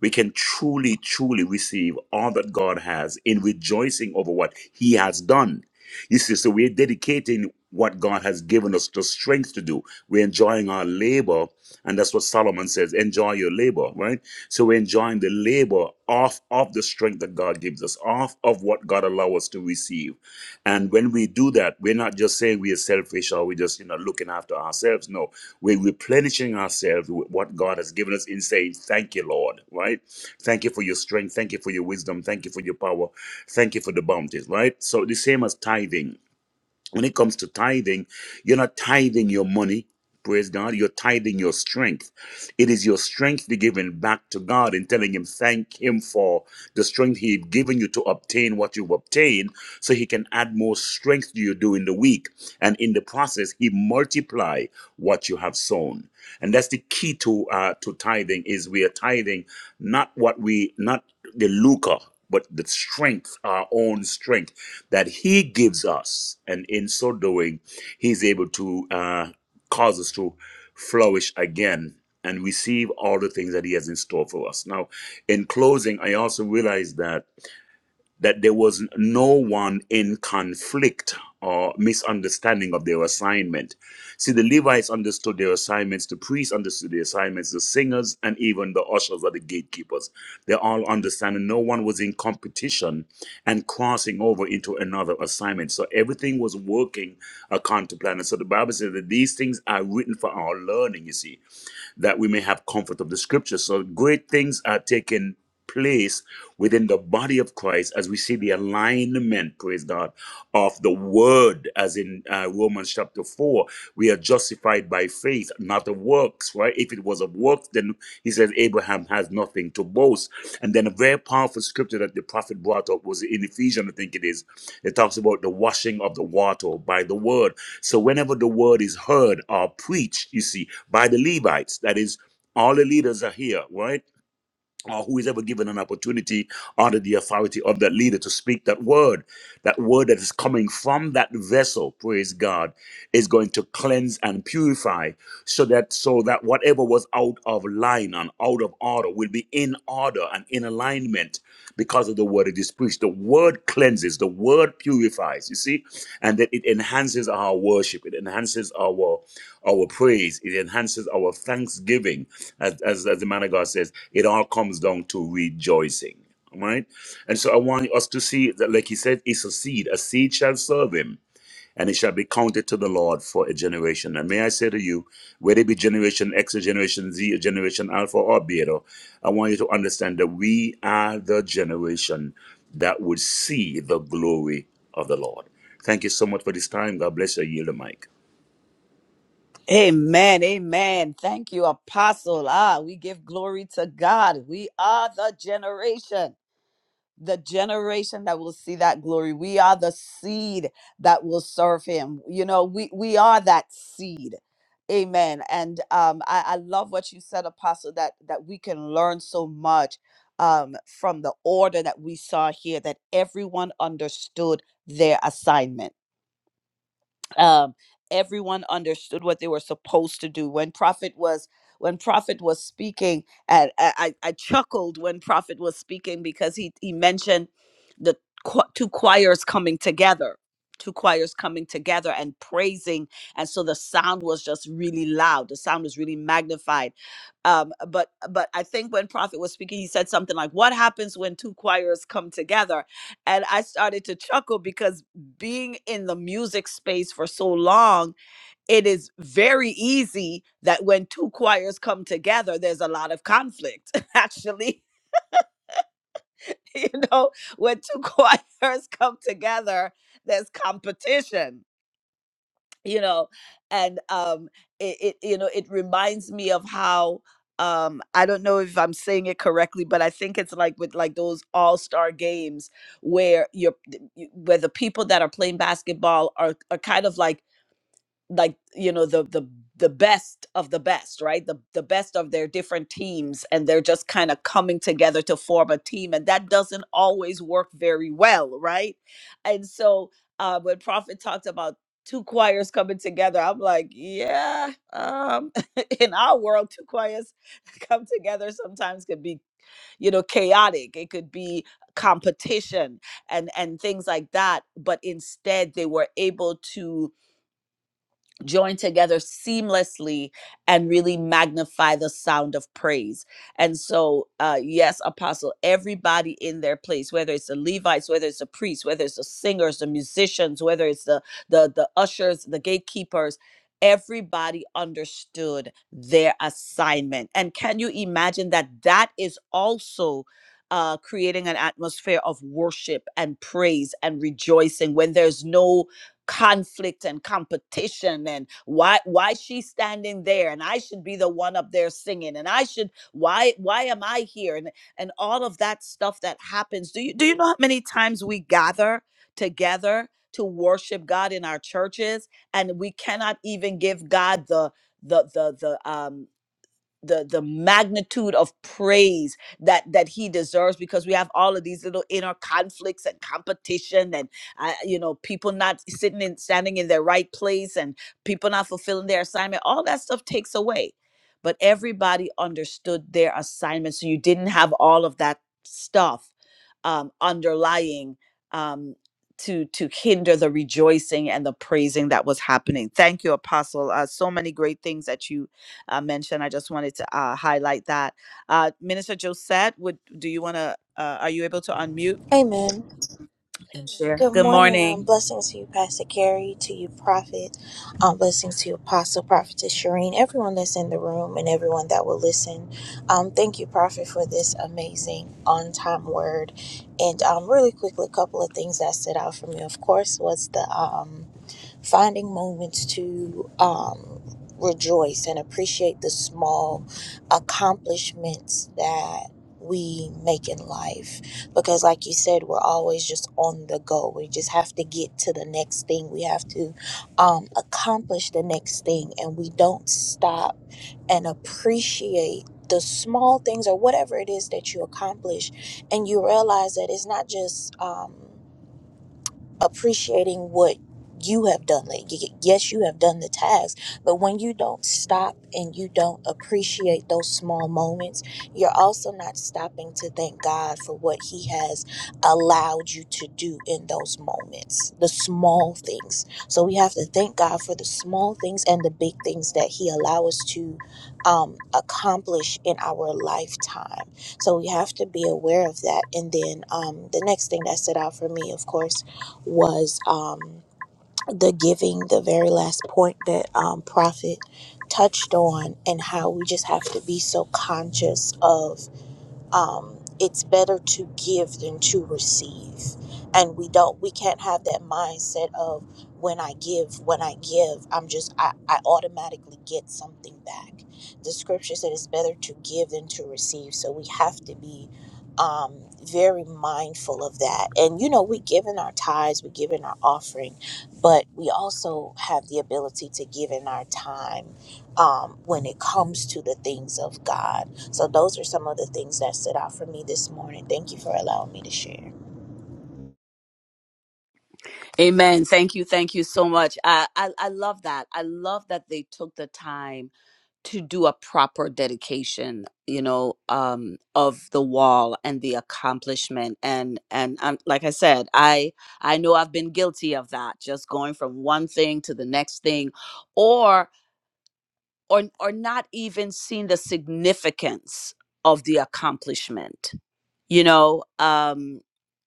[SPEAKER 3] we can truly, truly receive all that God has in rejoicing over what He has done. You see, so we're dedicating what God has given us the strength to do. We're enjoying our labor, and that's what Solomon says: enjoy your labor, right? So we're enjoying the labor off of the strength that God gives us, off of what God allows us to receive. And when we do that, we're not just saying we are selfish or we're just, you know, looking after ourselves. No, we're replenishing ourselves with what God has given us in saying, Thank you, Lord, right? Thank you for your strength. Thank you for your wisdom. Thank you for your power. Thank you for the bounties, right? So the same as tithing. When it comes to tithing, you're not tithing your money. Praise God. You're tithing your strength. It is your strength you're giving back to God and telling Him, thank Him for the strength He had given you to obtain what you've obtained so He can add more strength to you during the week. And in the process, He multiply what you have sown. And that's the key to uh, to tithing is we are tithing not what we not the lucre, but the strength, our own strength that He gives us. And in so doing, He's able to. Uh, cause us to flourish again and receive all the things that He has in store for us. Now, in closing, I also realize that that there was no one in conflict or misunderstanding of their assignment. See, the Levites understood their assignments, the priests understood their assignments, the singers, and even the ushers or the gatekeepers. They all understand, and no one was in competition and crossing over into another assignment. So everything was working according to plan. And so the Bible says that these things are written for our learning, you see that we may have comfort of the scripture. So great things are taking place within the body of Christ as we see the alignment, praise God, of the word, as in uh, Romans chapter 4. We are justified by faith, not the works, right? If it it was of works, then he says Abraham has nothing to boast. And then a very powerful scripture that the prophet brought up was in Ephesians, I think it is. It talks about the washing of the water by the word. So whenever the word is heard or preached, you see, by the Levites, that is, all the leaders are here, right? or who is ever given an opportunity under the authority of that leader to speak that word, that word that is coming from that vessel, praise God, is going to cleanse and purify so that so that whatever was out of line and out of order will be in order and in alignment because of the word it is preached. The word cleanses, the word purifies, you see, and that it enhances our worship, it enhances our our praise, it enhances our thanksgiving. As, as, as the man of God says, it all comes down to rejoicing. Right? And so I want us to see that, like he said, it's a seed. A seed shall serve him and it shall be counted to the Lord for a generation. And may I say to you, whether it be generation X or generation Z or generation Alpha or Beta, I want you to understand that we are the generation that would see the glory of the Lord. Thank you so much for this time. God bless you. I yield the mic.
[SPEAKER 1] Amen. Amen. Thank you, Apostle. Ah, we give glory to God. We are the generation. the generation that will see that glory. We are the seed that will serve him. You know, we we are that seed. Amen. And um, I, I love what you said, Apostle, that that we can learn so much um, from the order that we saw here, that everyone understood their assignment um, everyone understood what they were supposed to do when prophet was when prophet was speaking and i, I I chuckled when prophet was speaking because he he mentioned the cho- two choirs coming together two choirs coming together and praising and so the sound was just really loud the sound was really magnified um, but but i think when prophet was speaking he said something like what happens when two choirs come together and i started to chuckle because being in the music space for so long, it is very easy that when two choirs come together, there's a lot of conflict, [LAUGHS] actually. [LAUGHS] You know, when two [LAUGHS] choirs come together, there's competition, you know, and um, it, it you know, it reminds me of how um i don't know if i'm saying it correctly but i think it's like with like those all-star games where you're where the people that are playing basketball are are kind of like like you know the the the best of the best right the the best of their different teams and they're just kind of coming together to form a team and that doesn't always work very well right and so uh when prophet talked about two choirs coming together i'm like yeah um [LAUGHS] in our world two choirs [LAUGHS] come together sometimes could be you know chaotic it could be competition and and things like that but instead they were able to join together seamlessly and really magnify the sound of praise. And so, uh, yes, Apostle, everybody in their place, whether it's the Levites, whether it's the priests, whether it's the singers, the musicians, whether it's the the the ushers, the gatekeepers. Everybody understood their assignment. And can you imagine that that is also uh, creating an atmosphere of worship and praise and rejoicing when there's no conflict and competition and why why she's standing there and I should be the one up there singing and I should why why am I here and and all of that stuff that happens do you do you know how many times we gather together to worship God in our churches and we cannot even give God the the the the um the the magnitude of praise that that he deserves because we have all of these little inner conflicts and competition and uh, you know people not sitting and standing in their right place and people not fulfilling their assignment all that stuff takes away but everybody understood their assignment so you didn't have all of that stuff um, underlying um, to to hinder the rejoicing and the praising that was happening thank you apostle uh, so many great things that you uh, mentioned. I just wanted to uh, highlight that. Uh, Minister Josette, would do you want to? Uh, are you able to unmute
[SPEAKER 4] Amen.
[SPEAKER 1] and share?
[SPEAKER 4] Good
[SPEAKER 1] Good
[SPEAKER 4] morning. Um,
[SPEAKER 1] morning.
[SPEAKER 4] blessings to you, Pastor Carrie, to you, Prophet. Um, blessings to you, Apostle, Prophetess Shireen, everyone that's in the room and everyone that will listen. Um, thank you, Prophet, for this amazing on time word. And um, really quickly, a couple of things that stood out for me, of course, was the. um, finding moments to um, rejoice and appreciate the small accomplishments that we make in life because like you said we're always just on the go we just have to get to the next thing we have to um, accomplish the next thing and we don't stop and appreciate the small things or whatever it is that you accomplish and you realize that it's not just um, appreciating what you have done. Like, y- yes, you have done the task, but when you don't stop and you don't appreciate those small moments, you're also not stopping to thank God for what He has allowed you to do in those moments, the small things. So we have to thank God for the small things and the big things that He allow us to um, accomplish in our lifetime. So we have to be aware of that. And then um, the next thing that stood out for me, of course was um, the giving, the very last point that um, Prophet touched on, and how we just have to be so conscious of um, it's better to give than to receive and we don't we can't have that mindset of when i give when i give i'm just i, I automatically get something back the scripture said it's better to give than to receive so we have to be um, very mindful of that and you know we give in our tithes we give in our offering but we also have the ability to give in our time um, when it comes to the things of god so those are some of the things that stood out for me this morning. Thank you for allowing me to share.
[SPEAKER 1] Amen. Thank you. Thank you so much. I, I I love that. I love that they took the time to do a proper dedication, you know, um of the wall and the accomplishment and and um, like I said, I I know I've been guilty of that, just going from one thing to the next thing or or or not even seeing the significance of the accomplishment you know um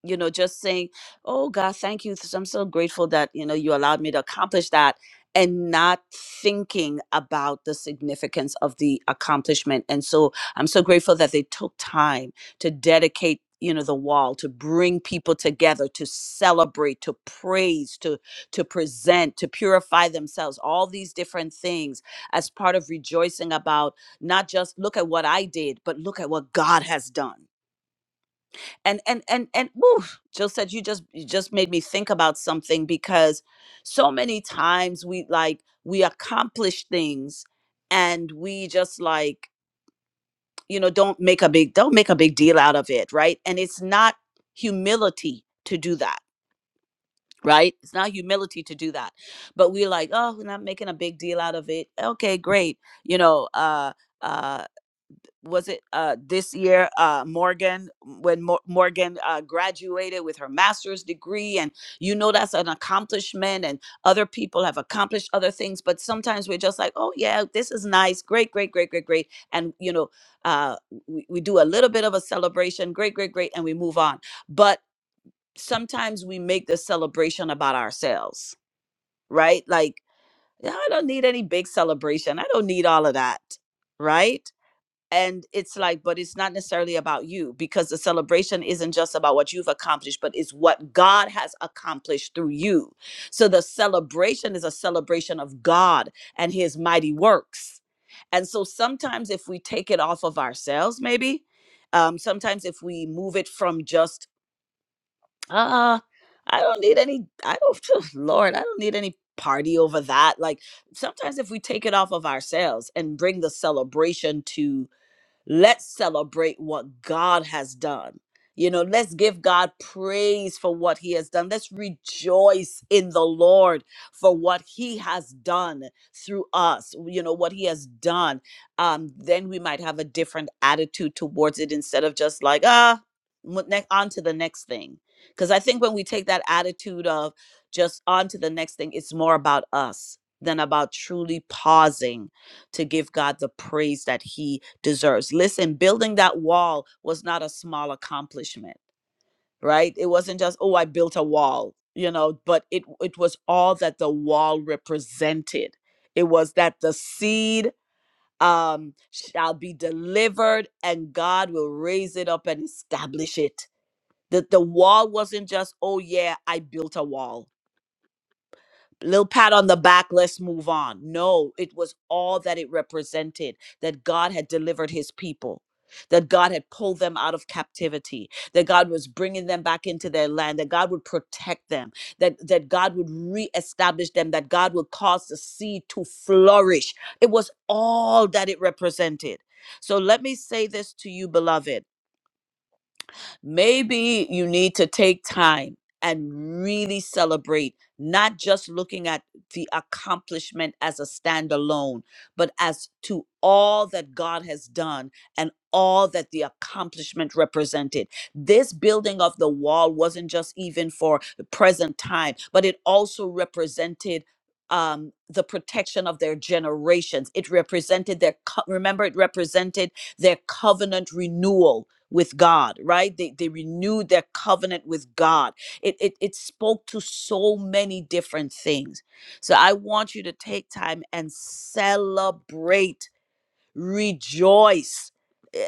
[SPEAKER 1] you know just saying oh god thank you th- i'm so grateful that you know you allowed me to accomplish that and not thinking about the significance of the accomplishment and so i'm so grateful that they took time to dedicate you know the wall to bring people together to celebrate to praise to to present to purify themselves all these different things as part of rejoicing about not just look at what i did but look at what god has done and and and and woo, Jill said you just you just made me think about something because so many times we like we accomplish things and we just like you know don't make a big don't make a big deal out of it right and it's not humility to do that right it's not humility to do that but we're like oh we're not making a big deal out of it okay great you know uh uh was it uh, this year uh, morgan when Mo- morgan uh, graduated with her master's degree and you know that's an accomplishment and other people have accomplished other things but sometimes we're just like oh yeah this is nice great great great great great and you know uh, we, we do a little bit of a celebration great great great and we move on but sometimes we make the celebration about ourselves right like "Yeah, i don't need any big celebration i don't need all of that right and it's like but it's not necessarily about you because the celebration isn't just about what you've accomplished but it's what god has accomplished through you so the celebration is a celebration of god and his mighty works and so sometimes if we take it off of ourselves maybe um sometimes if we move it from just ah i don't need any i don't [LAUGHS] lord i don't need any party over that like sometimes if we take it off of ourselves and bring the celebration to. Let's celebrate what God has done. You know, let's give God praise for what he has done. Let's rejoice in the Lord for what he has done through us, you know, what he has done. Um, then we might have a different attitude towards it instead of just like, ah, mo- ne- on to the next thing. Because I think when we take that attitude of just on to the next thing, it's more about us than about truly pausing to give God the praise that he deserves. Listen, building that wall was not a small accomplishment, right? It wasn't just, oh, I built a wall, you know, but it it was all that the wall represented. It was that the seed um shall be delivered and God will raise it up and establish it. That the wall wasn't just, oh yeah, I built a wall little pat on the back let's move on no it was all that it represented that god had delivered his people that god had pulled them out of captivity that god was bringing them back into their land that god would protect them that that god would reestablish them that god would cause the seed to flourish it was all that it represented so let me say this to you beloved Maybe you need to take time and really celebrate, not just looking at the accomplishment as a standalone, but as to all that God has done and all that the accomplishment represented. This building of the wall wasn't just even for the present time, but it also represented um the protection of their generations it represented their co- remember it represented their covenant renewal with God, right? They, they renewed their covenant with God. It, it, it spoke to so many different things. So I want you to take time and celebrate, rejoice.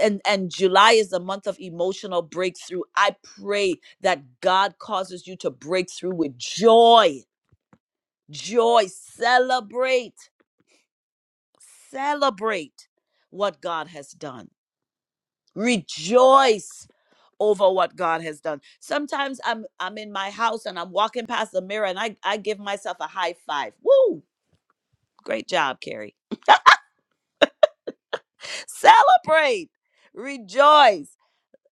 [SPEAKER 1] And, and July is the month of emotional breakthrough. I pray that God causes you to break through with joy, joy. Celebrate, celebrate what God has done. Rejoice over what God has done. Sometimes I'm I'm in my house and I'm walking past the mirror and I, I give myself a high five. Woo! Great job, Carrie. Celebrate. Rejoice.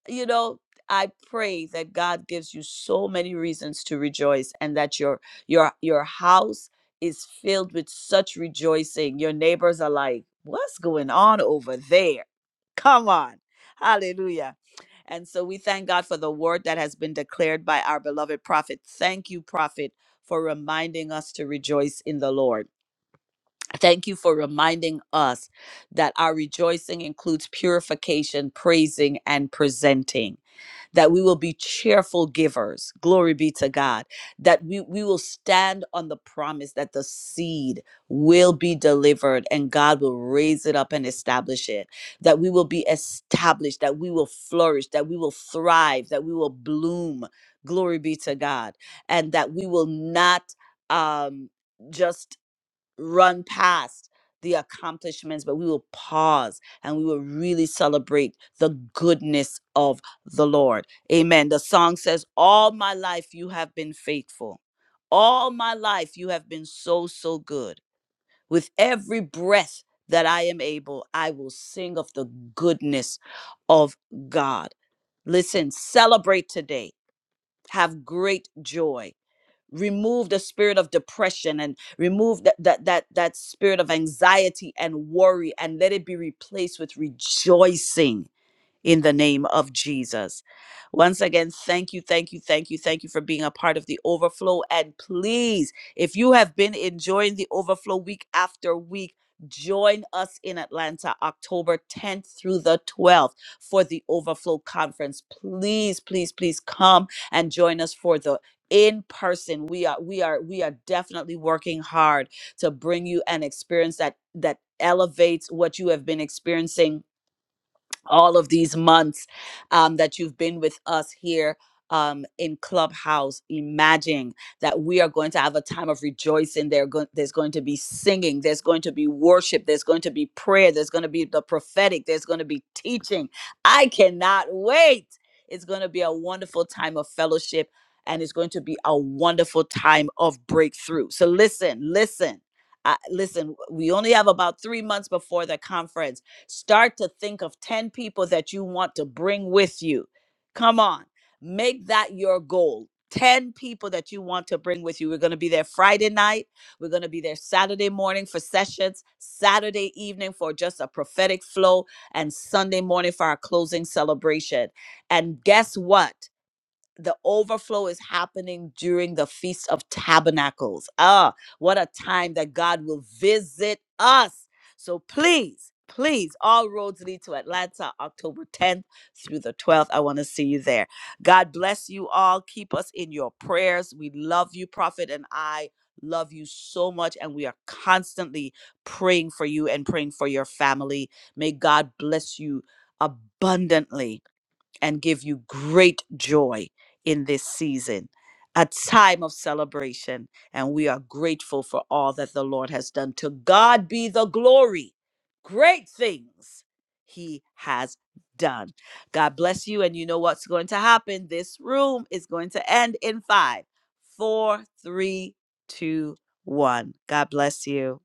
[SPEAKER 1] you know i pray that god gives you so many reasons to rejoice and that your your your house is filled with such rejoicing your neighbors are like what's going on over there come on hallelujah and so we thank god for the word that has been declared by our beloved prophet thank you prophet for reminding us to rejoice in the lord Thank you for reminding us that our rejoicing includes purification, praising, and presenting that we will be cheerful givers. Glory be to God. That we, we will stand on the promise that the seed will be delivered and God will raise it up and establish it. That we will be established, that we will flourish, that we will thrive, that we will bloom. Glory be to God. And that we will not um, just run past the accomplishments, but we will pause and we will really celebrate the goodness of the Lord. Amen. The song says, All my life you have been faithful. All my life you have been so, so good. With every breath that I am able, I will sing of the goodness of God. Listen, celebrate today. Have great joy remove the spirit of depression and remove that that that that spirit of anxiety and worry and let it be replaced with rejoicing in the name of Jesus. Once again, thank you, thank you, thank you, thank you for being a part of the overflow. And please, if you have been enjoying the overflow week after week, join us in Atlanta October 10th through the 12th for the overflow conference. Please, please, please come and join us for the in person we are we are we are definitely working hard to bring you an experience that that elevates what you have been experiencing all of these months um, that you've been with us here um, in Clubhouse. Imagine that we are going to have a time of rejoicing. There go- there's going to be singing, there's going to be worship, there's going to be prayer, there's going to be the prophetic, there's going to be teaching. I cannot wait. It's going to be a wonderful time of fellowship and it's going to be a wonderful time of breakthrough. So listen, listen. I listen, we only have about three months before the conference Start to think of 10 people that you want to bring with you. Come on, make that your goal. 10 people that you want to bring with you. We're going to be there Friday night. We're going to be there Saturday morning for sessions, Saturday evening for just a prophetic flow, and Sunday morning for our closing celebration. And guess what? the overflow is happening during the Feast of Tabernacles. Ah, what a time that God will visit us. So please, please, all roads lead to Atlanta, October 10th through the 12th. I want to see you there. God bless you all. Keep us in your prayers. We love you, Prophet, and I love you so much. And we are constantly praying for you and praying for your family. May God bless you abundantly and give you great joy in this season, a time of celebration. And we are grateful for all that the Lord has done. To God be the glory. Great things he has done. God bless you. And you know what's going to happen? This room is going to end in five, four, three, two, one. God bless you.